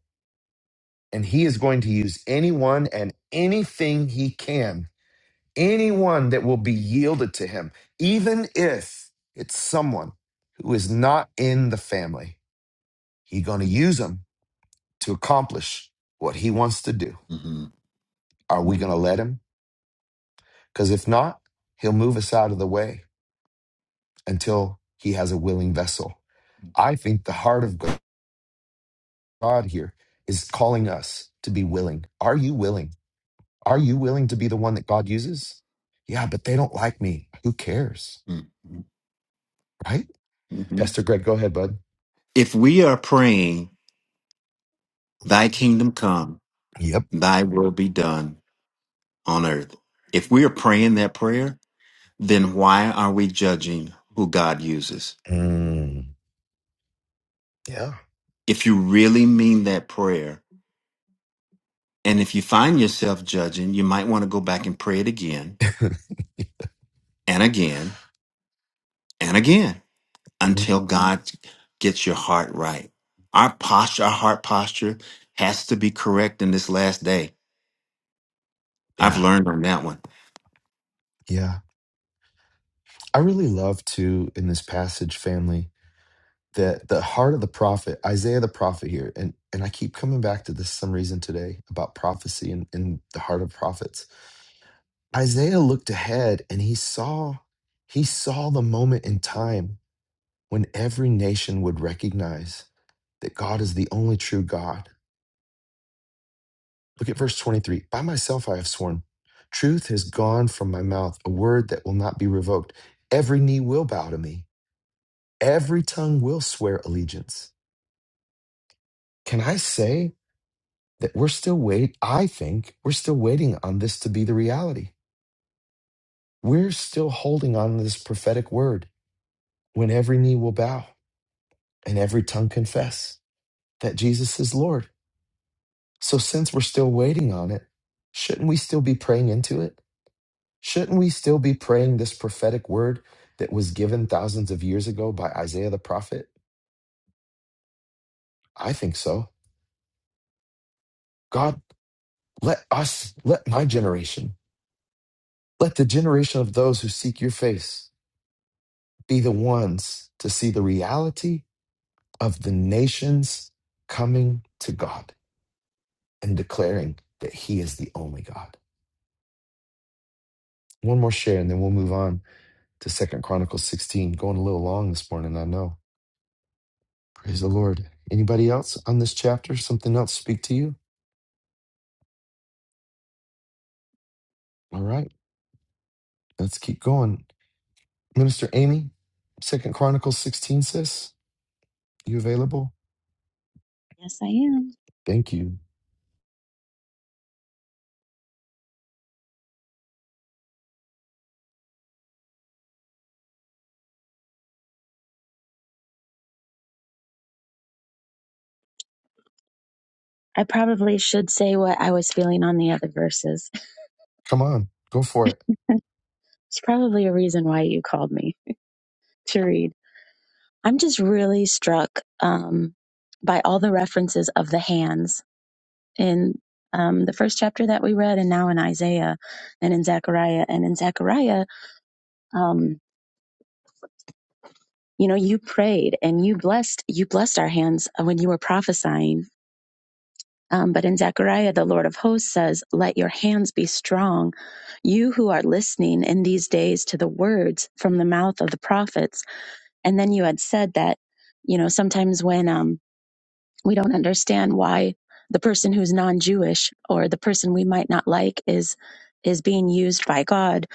and he is going to use anyone and anything he can, anyone that will be yielded to him, even if it's someone who is not in the family. He's going to use them to accomplish what he wants to do.
hmm
Are we going to let him? Because if not, he'll move us out of the way until he has a willing vessel. I think the heart of God here is calling us to be willing. Are you willing? Are you willing to be the one that God uses? Yeah, but they don't like me. Who cares?
hmm
Right? Pastor Greg, go ahead, bud.
If we are praying, thy kingdom come,
Yep.
thy will be done on earth. If we are praying that prayer, then why are we judging who God uses?
Mm, yeah.
If you really mean that prayer, And if you find yourself judging, you might want to go back and pray it again and again and again
Mm,
until God gets your heart right. Our posture, our heart posture has to be correct in this last day. I've
Yeah.
learned on that one.
Yeah. I really love to in this passage, family. that the heart of the prophet, Isaiah the prophet here, and, and I keep coming back to this some reason today about prophecy and, and the heart of prophets. Isaiah looked ahead and he saw he saw the moment in time when every nation would recognize that God is the only true God. Look at verse 23. By myself I have sworn, truth has gone from my mouth, a word that will not be revoked. Every knee will bow to me, every tongue will swear allegiance. Can I say? that we're still wait i think we're still waiting on this to be the reality we're still holding on to this prophetic word when every knee will bow and every tongue confess that jesus is lord so since we're still waiting on it shouldn't we still be praying into it shouldn't we still be praying this prophetic word that was given thousands of years ago by isaiah the prophet i think so god let us let my generation let the generation of those who seek your face be the ones to see the reality of the nations coming to God and declaring that He is the only God. One more share, and then we'll move on to Second Chronicles 16. Going a little long this morning, I know. Praise the Lord. Anybody else on this chapter? Something else speak to you? All right, let's keep going. Minister Amy, Second Chronicles 16 says, you available?
Yes, I am.
Thank you.
I probably should say what I was feeling on the other verses.
Come on, go for it.
It's probably a reason why you called me to read. I'm just really struck um, by all the references of the hands in um, the first chapter that we read, and now in Isaiah and in Zechariah and in Zechariah. Um, you know, you prayed and you blessed you blessed our hands when you were prophesying Um, but in Zechariah, the Lord of hosts says, Let your hands be strong. You who are listening in these days to the words from the mouth of the prophets. And then you had said that, you know, sometimes when um, we don't understand why the person who's non Jewish or the person we might not like is is being used by God.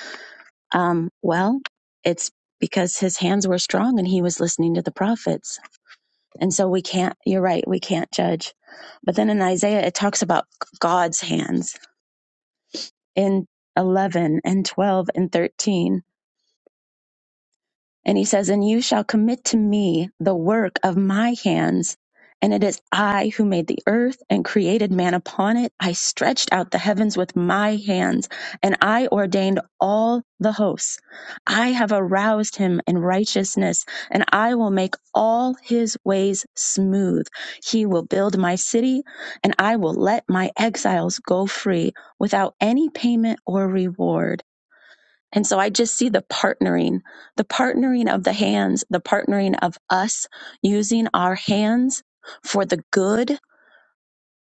Um, well, it's because his hands were strong and he was listening to the prophets and so we can't, you're right, we can't judge. But then in Isaiah, it talks about God's hands in 11 and 12 and 13. And he says, And you shall commit to me the work of my hands. And it is I who made the earth and created man upon it. I stretched out the heavens with my hands, and I ordained all the hosts. I have aroused him in righteousness, and I will make all his ways smooth. He will build my city, and I will let my exiles go free without any payment or reward. And so I just see the partnering, the partnering of the hands, the partnering of us using our hands for the good,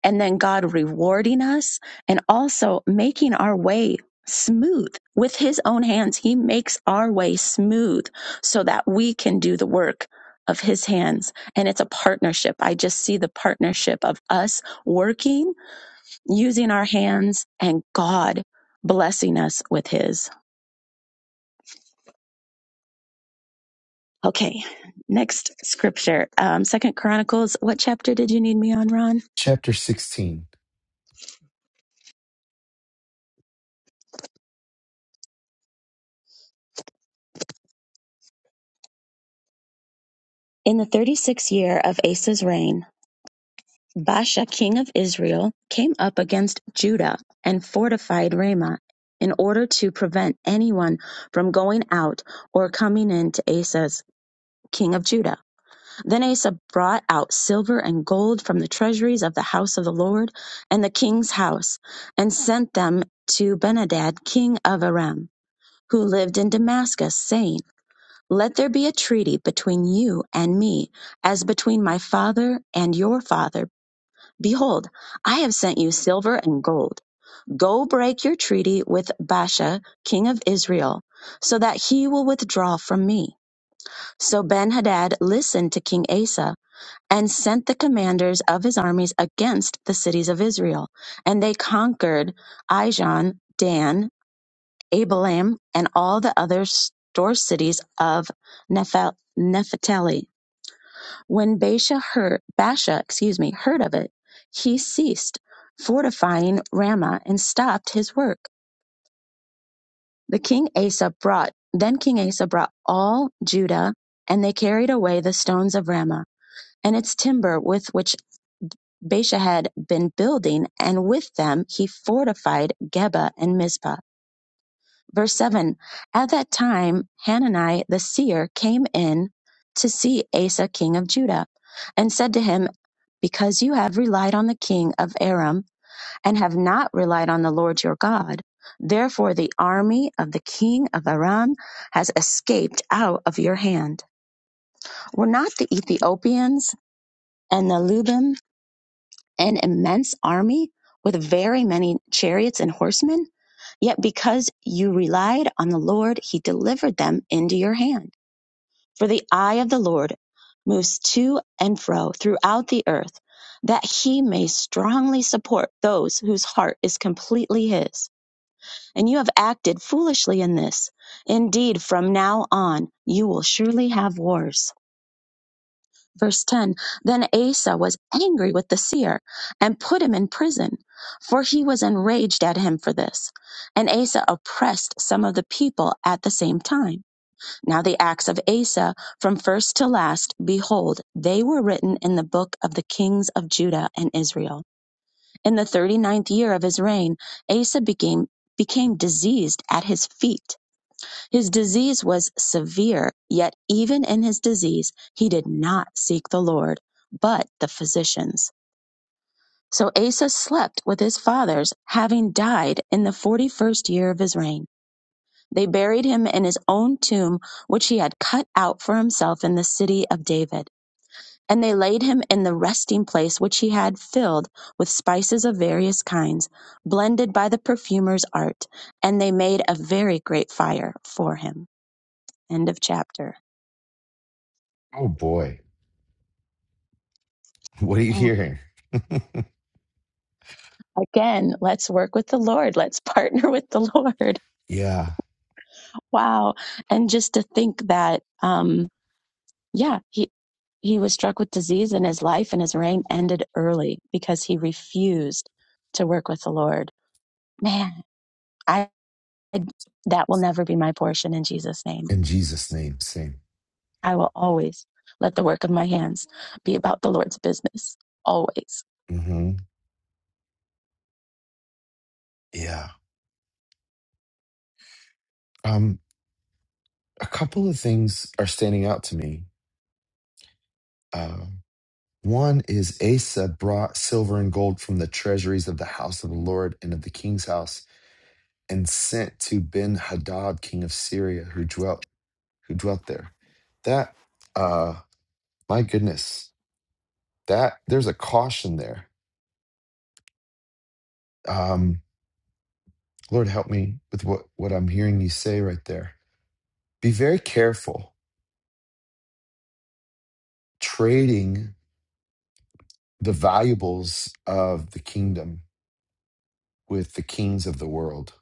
and then God rewarding us and also making our way smooth with His own hands. He makes our way smooth so that we can do the work of His hands. And it's a partnership. I just see the partnership of us working, using our hands, and God blessing us with His. Okay, next scripture. Um, Second Chronicles, what chapter did you need me on, Ron?
Chapter 16.
In the 36th year of Asa's reign, Baasha, king of Israel, came up against Judah and fortified Ramah in order to prevent anyone from going out or coming in to Asa's king of Judah. Then Asa brought out silver and gold from the treasuries of the house of the Lord and the king's house and sent them to Benadad, king of Aram. who lived in Damascus, saying, Let there be a treaty between you and me, as between my father and your father. Behold, I have sent you silver and gold. Go break your treaty with Baasha, king of Israel, so that he will withdraw from me. So Ben Hadad listened to King Asa and sent the commanders of his armies against the cities of Israel. And they conquered Ijon, Dan, Abilam, and all the other store cities of Nepha- Nephtali. When Baasha heard, Baasha, excuse me, heard of it, he ceased fortifying Ramah and stopped his work. The king Asa brought, then King Asa brought all Judah, and they carried away the stones of Ramah and its timber with which Baasha had been building, and with them he fortified Geba and Mizpah. Verse 7 At that time, Hanani the seer came in to see Asa, king of Judah, and said to him, Because you have relied on the king of Aram and have not relied on the Lord your God, therefore the army of the king of Aram has escaped out of your hand. Were not the Ethiopians and the Lubim an immense army with very many chariots and horsemen? Yet because you relied on the Lord, he delivered them into your hand. For the eye of the Lord moves to and fro throughout the earth, that he may strongly support those whose heart is completely his. And you have acted foolishly in this. Indeed, from now on, you will surely have wars. Verse 10 Then Asa was angry with the seer and put him in prison, for he was enraged at him for this. And Asa oppressed some of the people at the same time. Now, the acts of Asa, from first to last, behold, they were written in the book of the kings of Judah and Israel. In the thirty ninth year of his reign, Asa became, became diseased at his feet his disease was severe, yet even in his disease, he did not seek the Lord, but the physicians. So Asa slept with his fathers, having died in the forty first year of his reign. They buried him in his own tomb, which he had cut out for himself in the city of David. And they laid him in the resting place which he had filled with spices of various kinds, blended by the perfumer's art. And they made a very great fire for him. End of chapter.
Oh boy, what are you
And
hearing?
Again, let's work with the Lord. Let's partner with the Lord.
Yeah.
Wow. And just to think that, um, yeah, he, he was struck with disease in his life and his reign ended early because he refused to work with the Lord. Man, I, that will never be my portion in Jesus' name.
In Jesus' name, same.
I will always let the work of my hands be about the Lord's business. Always.
hmm Yeah. Um, a couple of things are standing out to me. Uh, one is Asa brought silver and gold from the treasuries of the house of the Lord and of the king's house, and sent to Ben Hadad, king of Syria, who dwelt who dwelt there. That, uh, my goodness, that there's a caution there. Um, Lord, help me with what what I'm hearing you say right there. Be very careful trading. the valuables of the kingdom with the kings of the world.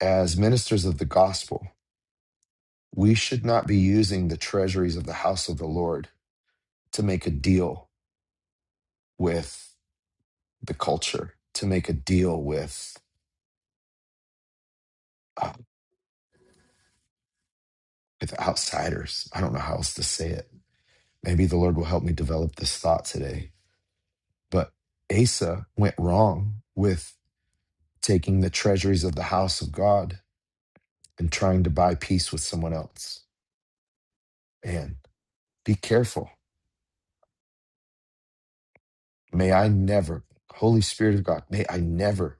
As ministers of the gospel, we should not be using the treasuries of the house of the Lord to make a deal with the culture, to make a deal with uh, with outsiders. I don't know how else to say it. Maybe the Lord will help me develop this thought today. But Asa went wrong with taking the treasuries of the house of God and trying to buy peace with someone else. And be careful May I never, Holy Spirit of God, may I never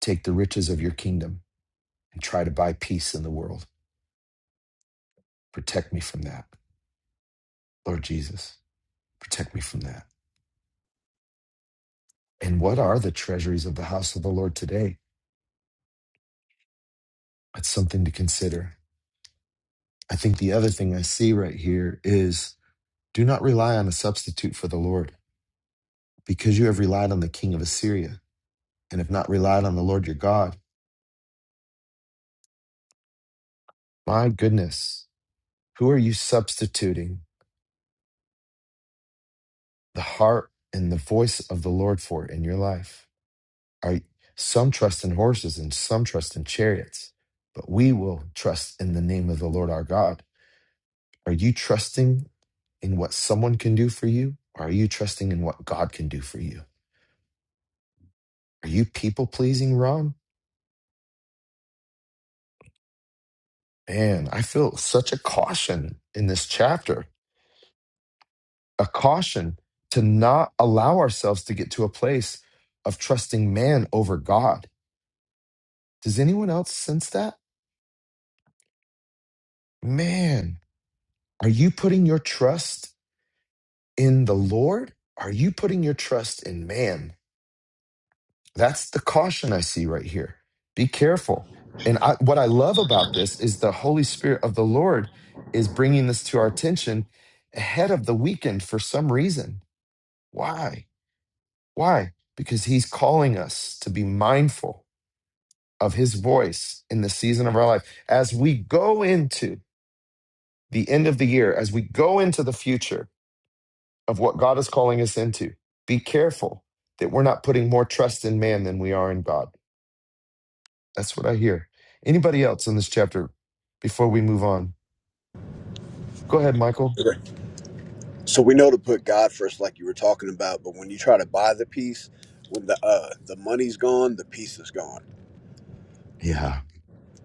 take the riches of your kingdom and try to buy peace in the world. Protect me from that, Lord Jesus. Protect me from that. And what are the treasuries of the house of the Lord today? That's something to consider. I think the other thing I see right here is do not rely on a substitute for the Lord, because you have relied on the king of Assyria and have not relied on the Lord your God. My goodness, who are you substituting the heart and the voice of the Lord for it in your life. Are some trust in horses and some trust in chariots, but we will trust in the name of the Lord our God. Are you trusting in what someone can do for you, or are you trusting in what God can do for you? Are you people pleasing, Ron? Man, I feel such a caution in this chapter, a caution to not allow ourselves to get to a place of trusting man over God. Does anyone else sense that? Man, Are you putting your trust in the Lord? Are you putting your trust in man? That's the caution I see right here. Be careful. And I, what I love about this is the Holy Spirit of the Lord is bringing this to our attention ahead of the weekend for some reason. Why? Why? Because he's calling us to be mindful of his voice in the season of our life as we go into the end of the year, as we go into the future of what God is calling us into. Be careful that we're not putting more trust in man than we are in God. That's what I hear. Anybody else in this chapter before we move on? Go ahead, Michael.
Okay. So we know to put God first, like you were talking about, but when you try to buy the piece, when the uh, the money's gone, the piece is gone.
Yeah,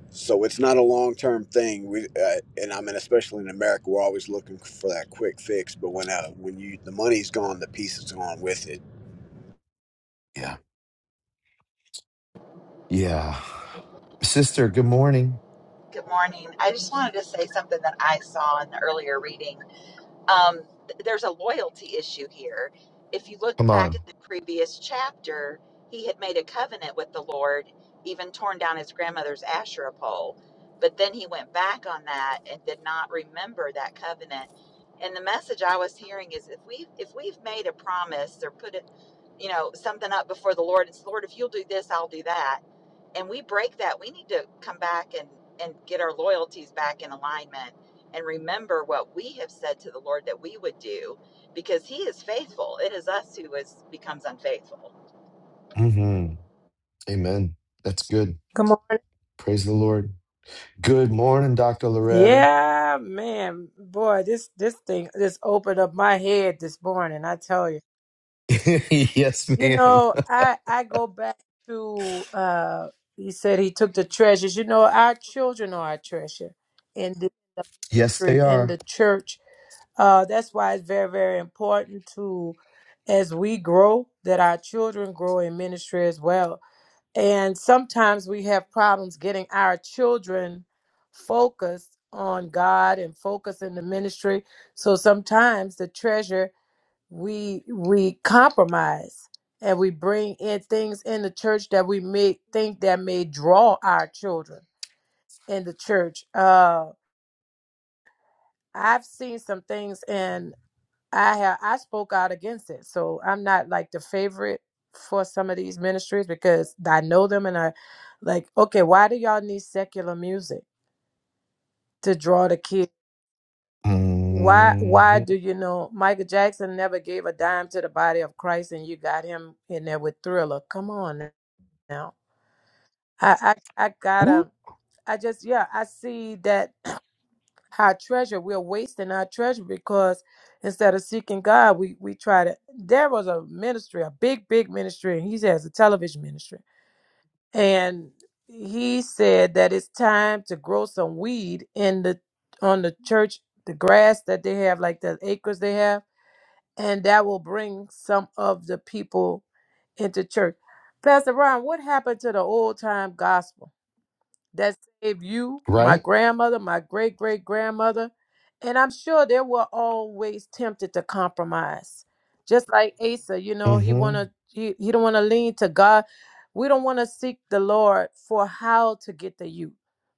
So it's not a long term thing. We uh, and I mean, especially in America, we're always looking for that quick fix. But when uh, when you the money's gone, the piece is gone with it.
yeah, yeah. Sister, good morning.
Good morning. I just wanted to say something that I saw in the earlier reading um, th- there's a loyalty issue here. If you
Come
look back
on.
at the previous chapter, he had made a covenant with the Lord, even torn down his grandmother's Asherah pole. But then he went back on that and did not remember that covenant. And the message I was hearing is if we if we've made a promise or put it, you know, something up before the Lord, it's Lord, if you'll do this, I'll do that. And we break that, we need to come back and, and get our loyalties back in alignment and remember what we have said to the Lord that we would do because he is faithful. It is us who is becomes unfaithful.
hmm Amen. That's good.
Good morning.
Praise the Lord. Good morning, Dr. Loretta.
Yeah, man, boy, this this thing just opened up my head this morning. I tell you,
yes,
you
ma'am.
know, I I go back to uh, he said he took the treasures. You know, our children are our treasure in the
Yes, they
ministry, in
are.
the church. Uh, that's why it's very very important to, as we grow, that our children grow in ministry as well And sometimes we have problems getting our children focused on God and focused in the ministry. So sometimes the treasure we we compromise and we bring in things in the church that we may think that may draw our children in the church. Uh I've seen some things in I have I spoke out against it. So I'm not like the favorite for some of these ministries because I know them and I like, okay, why do y'all need secular music to draw the kids? Why why
hmm
do you know Michael Jackson never gave a dime to the body of Christ and you got him in there with thriller? Come on now. I I, I
Ooh,
gotta I just yeah, I see that our treasure. We're wasting our treasure because instead of seeking God, we we try to. There was a ministry, a big, big ministry, and he has a television ministry, and he said that it's time to grow some weed in the on the church, the grass that they have, like the acres they have, and that will bring some of the people into church. Pastor Ron, what happened to the old time gospel? that saved you, my
right?
grandmother, my great great grandmother. And I'm sure they were always tempted to compromise. Just like Asa, you know, he
hmm
wanna he, he don't wanna lean to God. We don't wanna seek the Lord for how to get to you.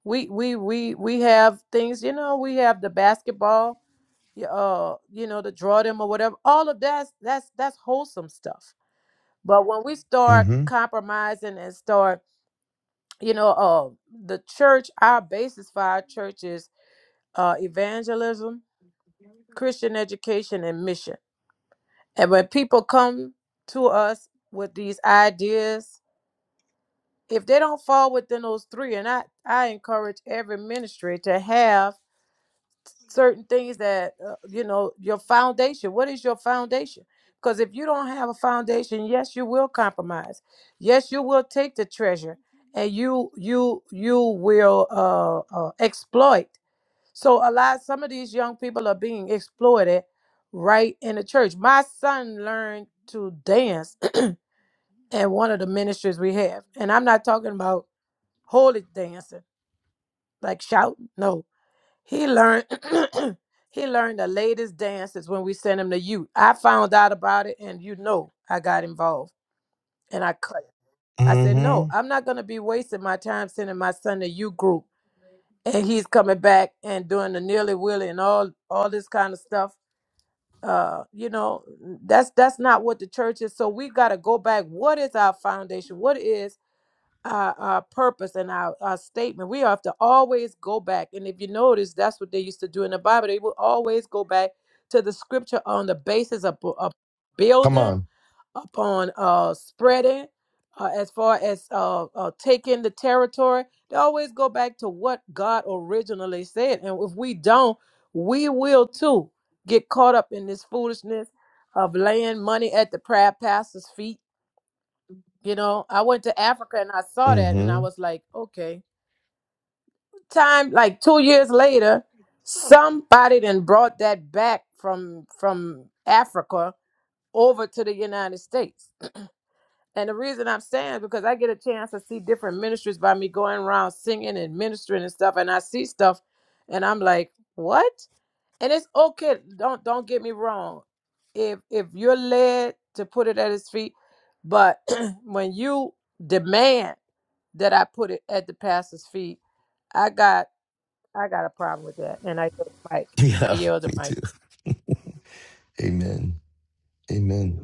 We we we we have things, you know, we have the basketball, y- uh, you know, to draw them or whatever. All of that's that's that's wholesome stuff. But when we start
hmm
compromising and start you know, uh, the church, our basis for our church is uh, evangelism, Christian education, and mission. And when people come to us with these ideas, if they don't fall within those three, and I, I encourage every ministry to have certain things that, uh, you know, your foundation. What is your foundation? Because if you don't have a foundation, yes, you will compromise. Yes, you will take the treasure and you you you will uh, uh exploit So a lot some of these young people are being exploited right in the church. My son learned to dance at one of the ministries we have. And I'm not talking about holy dancing, like shouting. No. He learned he learned the latest dances when we sent him to youth. I found out about it and you know I got involved and I cut it. I said,
hmm
no, I'm not gonna be wasting my time sending my son to youth group and he's coming back and doing the nearly willy and all all this kind of stuff uh you know that's that's not what the church is so we've got to go back what is our foundation what is our, our purpose and our, our statement we have to always go back and if you notice that's what they used to do in the bible they would always go back to the scripture on the basis of bu- of
Come
building
on.
upon uh, spreading uh, as far as uh, uh, taking the territory. They always go back to what God originally said. And if we don't, we will too get caught up in this foolishness of laying money at the proud pastor's feet. You know, I went to Africa and I saw that and I
hmm
was like, okay. Time like two years later, somebody then brought that back from from Africa over to the United States And the reason I'm saying is because I get a chance to see different ministries by me going around singing and ministering and stuff, and I see stuff, and I'm like, what? And it's okay. Don't don't get me wrong. If if you're led to put it at his feet, but when you demand that I put it at the pastor's feet, I got I got a problem with that, and I yield the mic. I
Yeah,
yield the
me
mic.
too. Amen. Amen.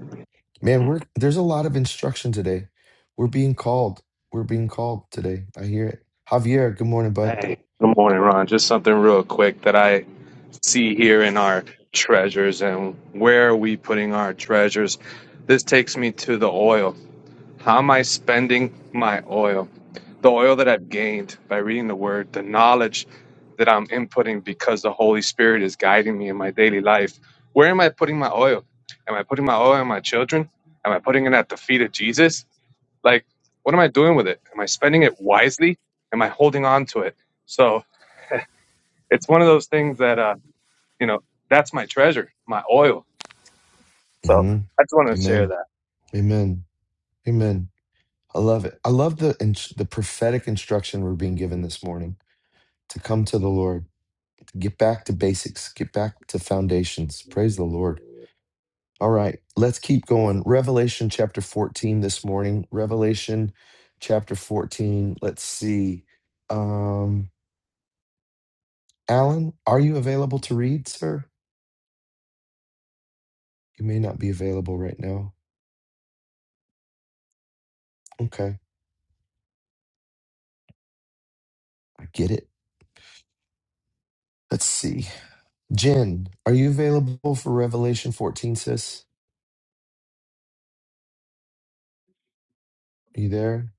Man, we're there's a lot of instruction today. We're being called. We're being called today. I hear it. Javier, good morning, bud.
Hey, good morning, Ron. Just something real quick that I see here in our treasures and where are we putting our treasures? This takes me to the oil. How am I spending my oil? The oil that I've gained by reading the word, the knowledge that I'm inputting because the Holy Spirit is guiding me in my daily life. Where am I putting my oil? Am I putting my oil on my children? Am I putting it at the feet of Jesus? Like, what am I doing with it? Am I spending it wisely? Am I holding on to it? So, it's one of those things that uh you know that's my treasure my oil so
hmm
i just want to share that
Amen. Amen. Amen. I love it. I love the in, the prophetic instruction we're being given this morning to come to the Lord, to get back to basics, get back to foundations. Praise the Lord. All right, let's keep going. Revelation chapter 14 this morning. Revelation chapter 14. Let's see. Um, Alan, are you available to read, sir? You may not be available right now. Okay, I get it. Let's see. Jen, are you available for Revelation 14, sis? Are you there?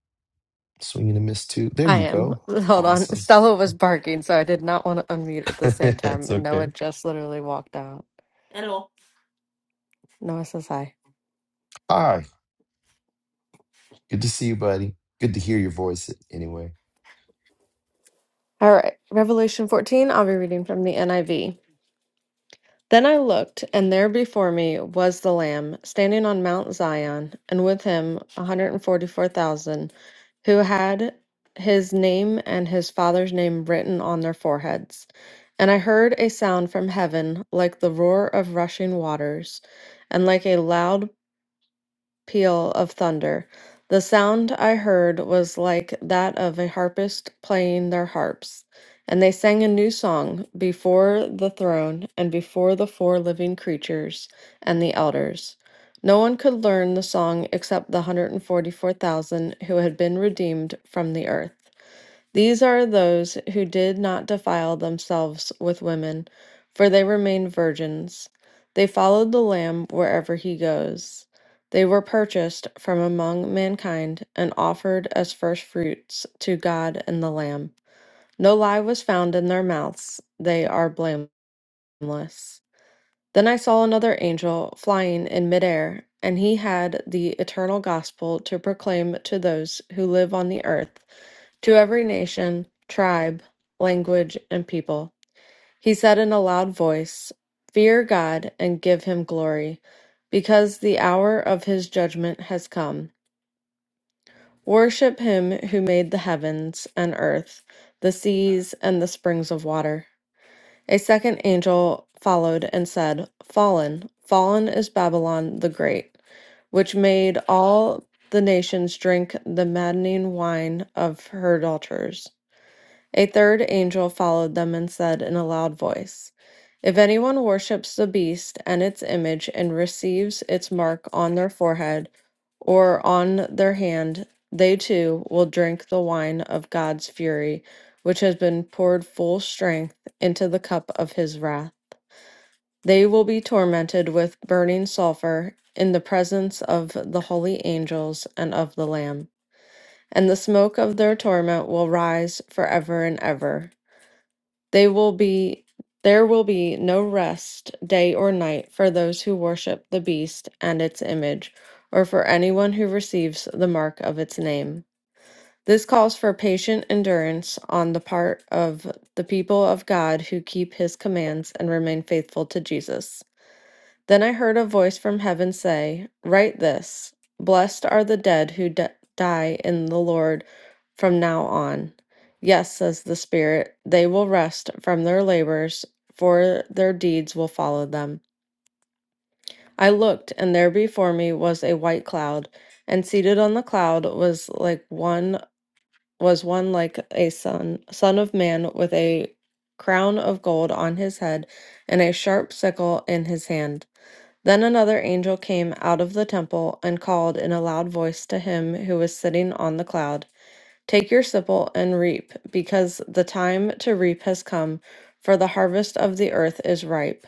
Swinging a miss too. There
I
you
am.
go.
Hold on.
Awesome.
Stella was barking, so I did not want to unmute at the same time.
it's
And Noah
okay.
just literally walked out. Hello. Noah says hi.
Hi, good to see you, buddy. Good to hear your voice anyway.
All right. Revelation 14, I'll be reading from the NIV. Then I looked, and there before me was the Lamb, standing on Mount Zion, and with him 144,000, who had his name and his father's name written on their foreheads. And I heard a sound from heaven like the roar of rushing waters, and like a loud peal of thunder. The sound I heard was like that of a harpist playing their harps. And they sang a new song before the throne and before the four living creatures and the elders. No one could learn the song except the 144,000 who had been redeemed from the earth. These are those who did not defile themselves with women, for they remained virgins. They followed the Lamb wherever he goes. They were purchased from among mankind and offered as firstfruits to God and the Lamb. No lie was found in their mouths. They are blameless. Then I saw another angel flying in midair, and he had the eternal gospel to proclaim to those who live on the earth, to every nation, tribe, language, and people. He said in a loud voice, Fear God and give him glory, because the hour of his judgment has come. Worship him who made the heavens and earth, the seas, and the springs of water. A second angel followed and said, Fallen, fallen is Babylon the Great, which made all the nations drink the maddening wine of her adulterers. A third angel followed them and said in a loud voice, If anyone worships the beast and its image and receives its mark on their forehead or on their hand, they too will drink the wine of God's fury, which has been poured full strength into the cup of his wrath. They will be tormented with burning sulfur in the presence of the holy angels and of the Lamb. And the smoke of their torment will rise forever and ever. They will be there will be no rest day or night for those who worship the beast and its image, or for anyone who receives the mark of its name. This calls for patient endurance on the part of the people of God who keep his commands and remain faithful to Jesus. Then I heard a voice from heaven say, Write this Blessed are the dead who d- die in the Lord from now on. Yes, says the Spirit, they will rest from their labors, for their deeds will follow them. I looked, and there before me was a white cloud, and seated on the cloud was like one was one like a son son of man with a crown of gold on his head and a sharp sickle in his hand. Then another angel came out of the temple and called in a loud voice to him who was sitting on the cloud, Take your sickle and reap, because the time to reap has come, for the harvest of the earth is ripe.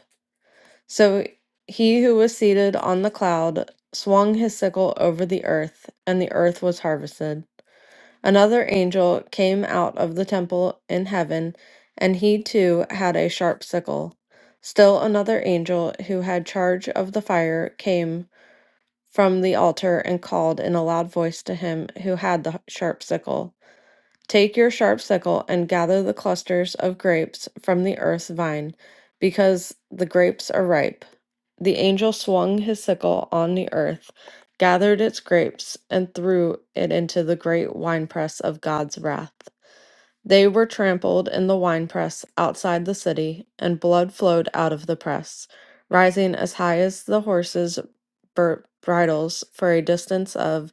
So he who was seated on the cloud swung his sickle over the earth, and the earth was harvested. Another angel came out of the temple in heaven, and he too had a sharp sickle. Still another angel who had charge of the fire came from the altar and called in a loud voice to him who had the sharp sickle Take your sharp sickle and gather the clusters of grapes from the earth's vine, because the grapes are ripe. The angel swung his sickle on the earth, gathered its grapes, and threw it into the great winepress of God's wrath. They were trampled in the winepress outside the city, and blood flowed out of the press, rising as high as the horses' bur- bridles for a distance of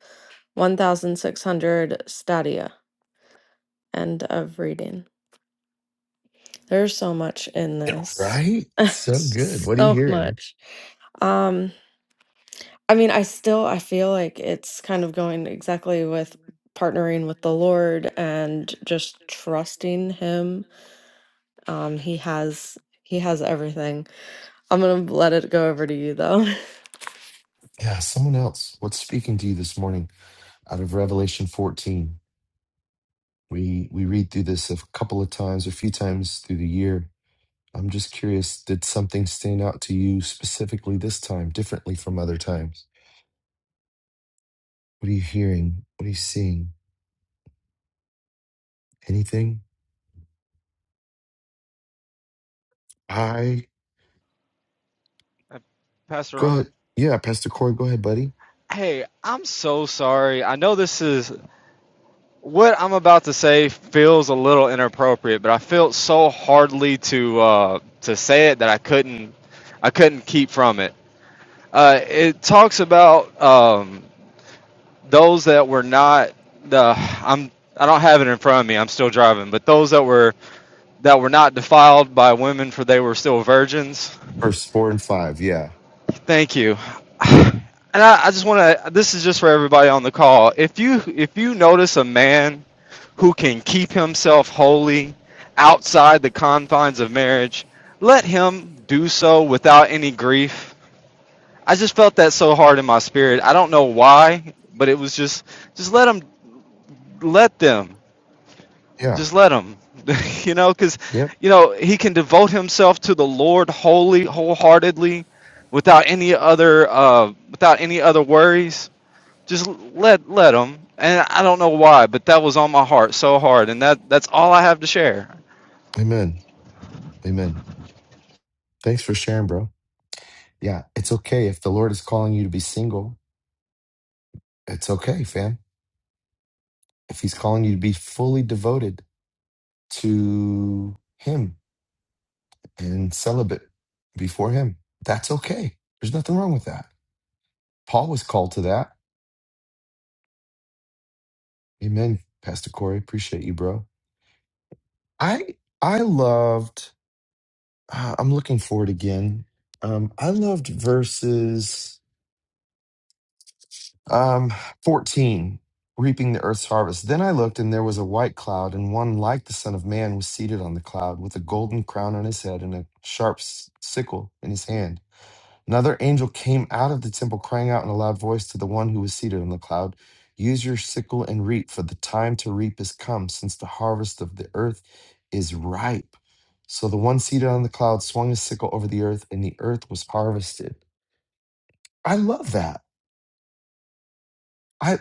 1,600 stadia. End of reading. There's so much in this.
Right? So good. What are you
so
hearing?
much. Um, I mean, I still I feel like it's kind of going exactly with partnering with the Lord and just trusting him Um, he has he has everything. I'm gonna let it go over to you though.
Yeah, someone else. What's speaking to you this morning out of Revelation 14? We we read through this a couple of times, a few times through the year. I'm just curious, did something stand out to you specifically this time, differently from other times? What are you hearing? What are you seeing? Anything? I
Uh, Pass her
go
on.
ahead. Yeah, Pastor Corey, go ahead, buddy.
Hey, I'm so sorry. I know this is what I'm about to say feels a little inappropriate, but I felt so hardly to uh, to say it that I couldn't I couldn't keep from it. Uh, it talks about um, those that were not the I'm I don't have it in front of me. I'm still driving, but those that were that were not defiled by women, for they were still virgins.
Verse four and five. Yeah.
Thank you. And I, I just want to. This is just for everybody on the call. If you if you notice a man who can keep himself holy outside the confines of marriage, let him do so without any grief. I just felt that so hard in my spirit. I don't know why, but it was just just let him let them
Yeah.
just let him you know because
Yep.
you know he can devote himself to the lord wholly wholeheartedly without any other uh without any other worries just let let him and i don't know why but that was on my heart so hard and that that's all i have to share
Amen. Amen. Thanks for sharing, bro. Yeah, it's okay if the Lord is calling you to be single. It's okay, fam if he's calling you to be fully devoted to him and celibate before him, that's okay. There's nothing wrong with that. Paul was called to that. Amen, Pastor Corey. Appreciate you, bro. I I loved. Uh, I'm looking for it again. Um, I loved verses um, 14, reaping the earth's harvest. Then I looked, and there was a white cloud, and one like the Son of Man was seated on the cloud with a golden crown on his head and a sharp s- sickle in his hand. Another angel came out of the temple, crying out in a loud voice to the one who was seated on the cloud Use your sickle and reap, for the time to reap is come, since the harvest of the earth is ripe. So the one seated on the cloud swung his sickle over the earth, and the earth was harvested. I love that. I,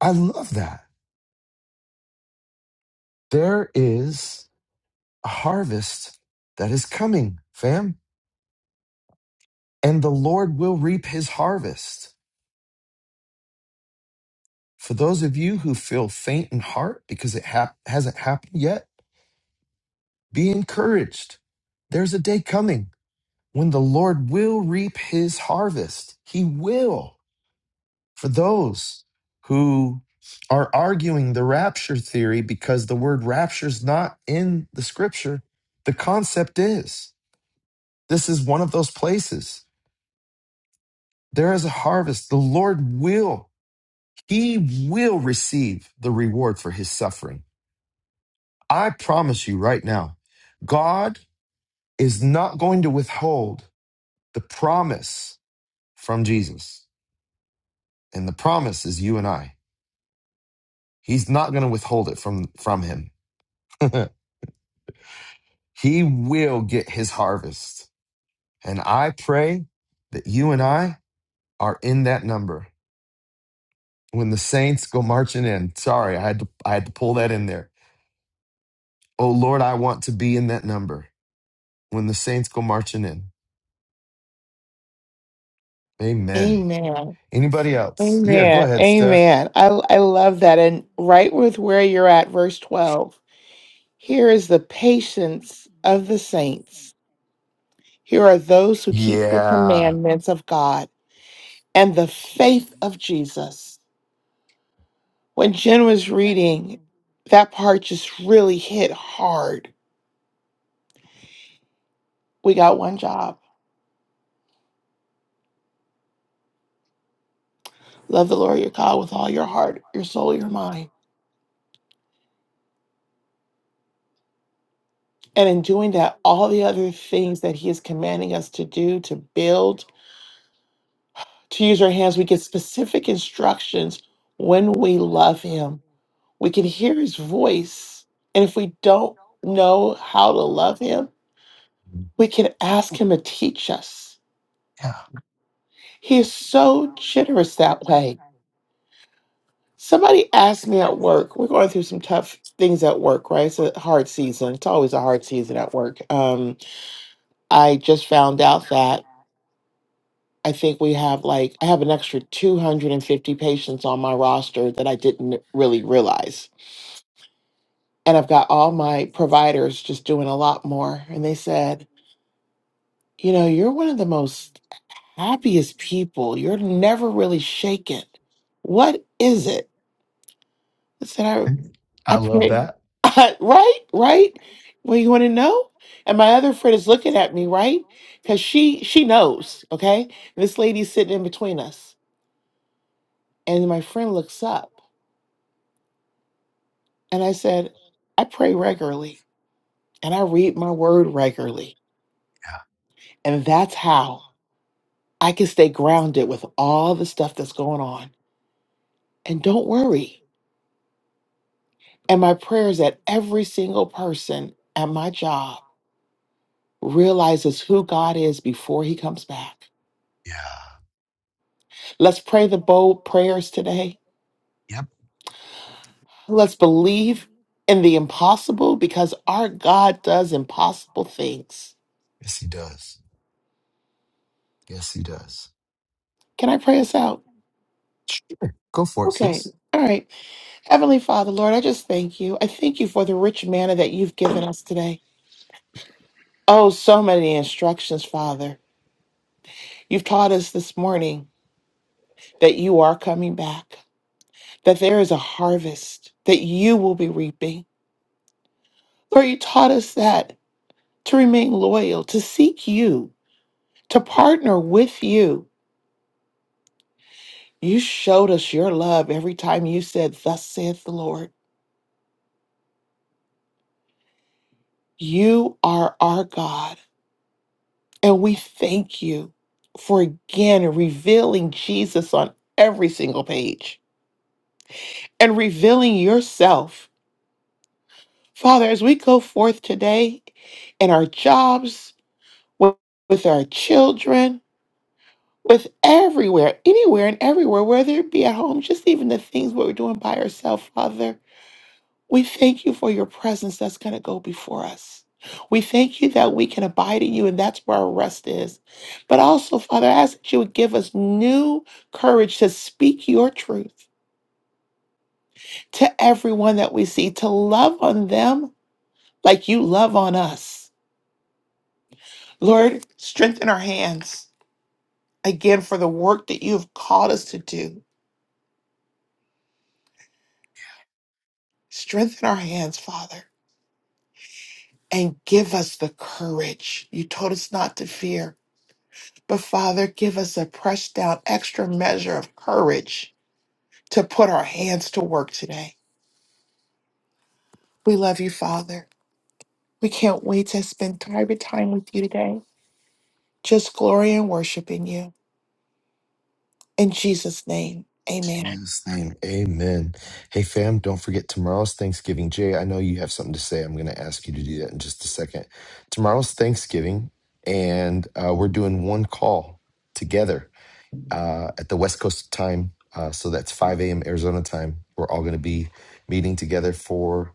I love that. There is a harvest that is coming, fam, and the Lord will reap his harvest. For those of you who feel faint in heart because it hap- hasn't happened yet, Be encouraged. There's a day coming when the Lord will reap his harvest. He will. For those who are arguing the rapture theory because the word rapture is not in the scripture, the concept is this is one of those places. There is a harvest. The Lord will, he will receive the reward for his suffering. I promise you right now, God is not going to withhold the promise from Jesus. And the promise is you and I. He's not going to withhold it from from him. he will get his harvest. And I pray that you and I are in that number. When the saints go marching in. Sorry, I had to I had to pull that in there. Oh Lord, I want to be in that number. When the saints go marching in. Amen.
Amen.
Anybody else? Yeah, go
Amen.
ahead, Steph.
Amen. I, I love that. And right with where you're at, verse 12. Here is the patience of the saints. Here are those who keep the
Yeah.
commandments of God and the faith of Jesus. When Jen was reading, that part just really hit hard. We got one job. Love the Lord your God with all your heart, your soul, your mind. And in doing that, all the other things that He is commanding us to do, to build, to use our hands, we get specific instructions when we love Him. We can hear His voice. And if we don't know how to love Him, we can ask Him to teach us
Yeah.
He's so generous that way. Somebody asked me at work, we're going through some tough things at work, right? It's a hard season. It's always a hard season at work. Um, I just found out that I think we have like, I have an extra 250 patients on my roster that I didn't really realize. And I've got all my providers just doing a lot more. And they said, you know, you're one of the most happiest people. You're never really shaken. What is it? I said, "I." I
I love
pray.
that.
right, right. Well, you want to know? And my other friend is looking at me, right? Because she she knows, okay? This lady's sitting in between us. And my friend looks up and I said, I pray regularly and I read my word regularly.
Yeah.
And that's how I can stay grounded with all the stuff that's going on. And don't worry. And my prayer is that every single person at my job realizes who God is before he comes back
Yeah.
Let's pray the bold prayers today.
Yep.
Let's believe in the impossible because our God does impossible things.
Yes, he does. Yes, he does.
Can I pray us out?
Yeah, Go for it,
Okay.
sis.
All right. Heavenly Father, Lord, I just thank you. I thank you for the rich manna that you've given us today. Oh, so many instructions, Father. You've taught us this morning that you are coming back, that there is a harvest that you will be reaping. Lord, you taught us that to remain loyal, to seek you, to partner with you. You showed us your love every time you said, Thus saith the Lord. You are our God. And we thank you for again revealing Jesus on every single page and revealing yourself. Father, as we go forth today in our jobs, with, with our children, with everywhere, anywhere and everywhere, whether it be at home, just even the things what we're doing by ourselves, Father. We thank you for your presence that's going to go before us. We thank you that we can abide in you, and that's where our rest is. But also, Father, I ask that you would give us new courage to speak your truth to everyone that we see, to love on them like you love on us. Lord, strengthen our hands again for the work that you have called us to do. Strengthen our hands, Father, and give us the courage. You told us not to fear, But Father, give us a pressed down extra measure of courage to put our hands to work today. We love you, Father. We can't wait to spend private time with you today, just glory and worship in you. In Jesus' name, amen.
Jesus' name, amen. Hey, fam, don't forget tomorrow's Thanksgiving. Jay, I know you have something to say. I'm going to ask you to do that in just a second. Tomorrow's Thanksgiving, and uh, we're doing one call together uh, at the West Coast time. Uh, so that's 5 a.m. Arizona time. We're all going to be meeting together for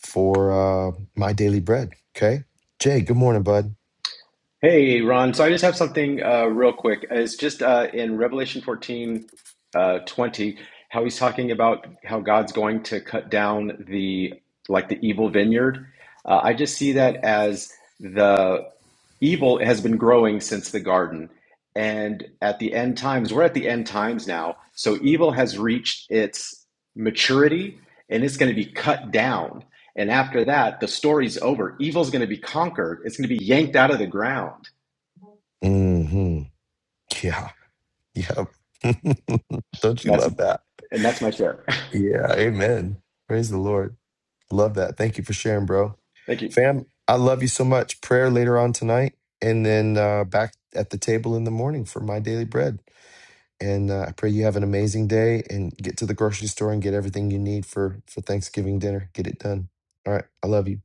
for uh, my daily bread. Okay, Jay. Good morning, bud.
Hey, Ron. So I just have something uh, real quick. It's just uh, in Revelation 14, uh, 20, how he's talking about how God's going to cut down the like the evil vineyard. Uh, I just see that as the evil has been growing since the garden. And at the end times, we're at the end times now. So evil has reached its maturity and it's going to be cut down. And after that, the story's over. Evil's going to be conquered. It's going to be yanked out of the ground.
Mm-hmm. Yeah. Yep. don't you
And that's
love that?
and that's my share.
Yeah, amen. Praise the Lord. Love that. Thank you for sharing, bro.
Thank you.
Fam, I love you so much. Prayer later on tonight, and then uh, back at the table in the morning for my daily bread. And uh, I pray you have an amazing day and get to the grocery store and get everything you need for for Thanksgiving dinner. Get it done. All right. I love you.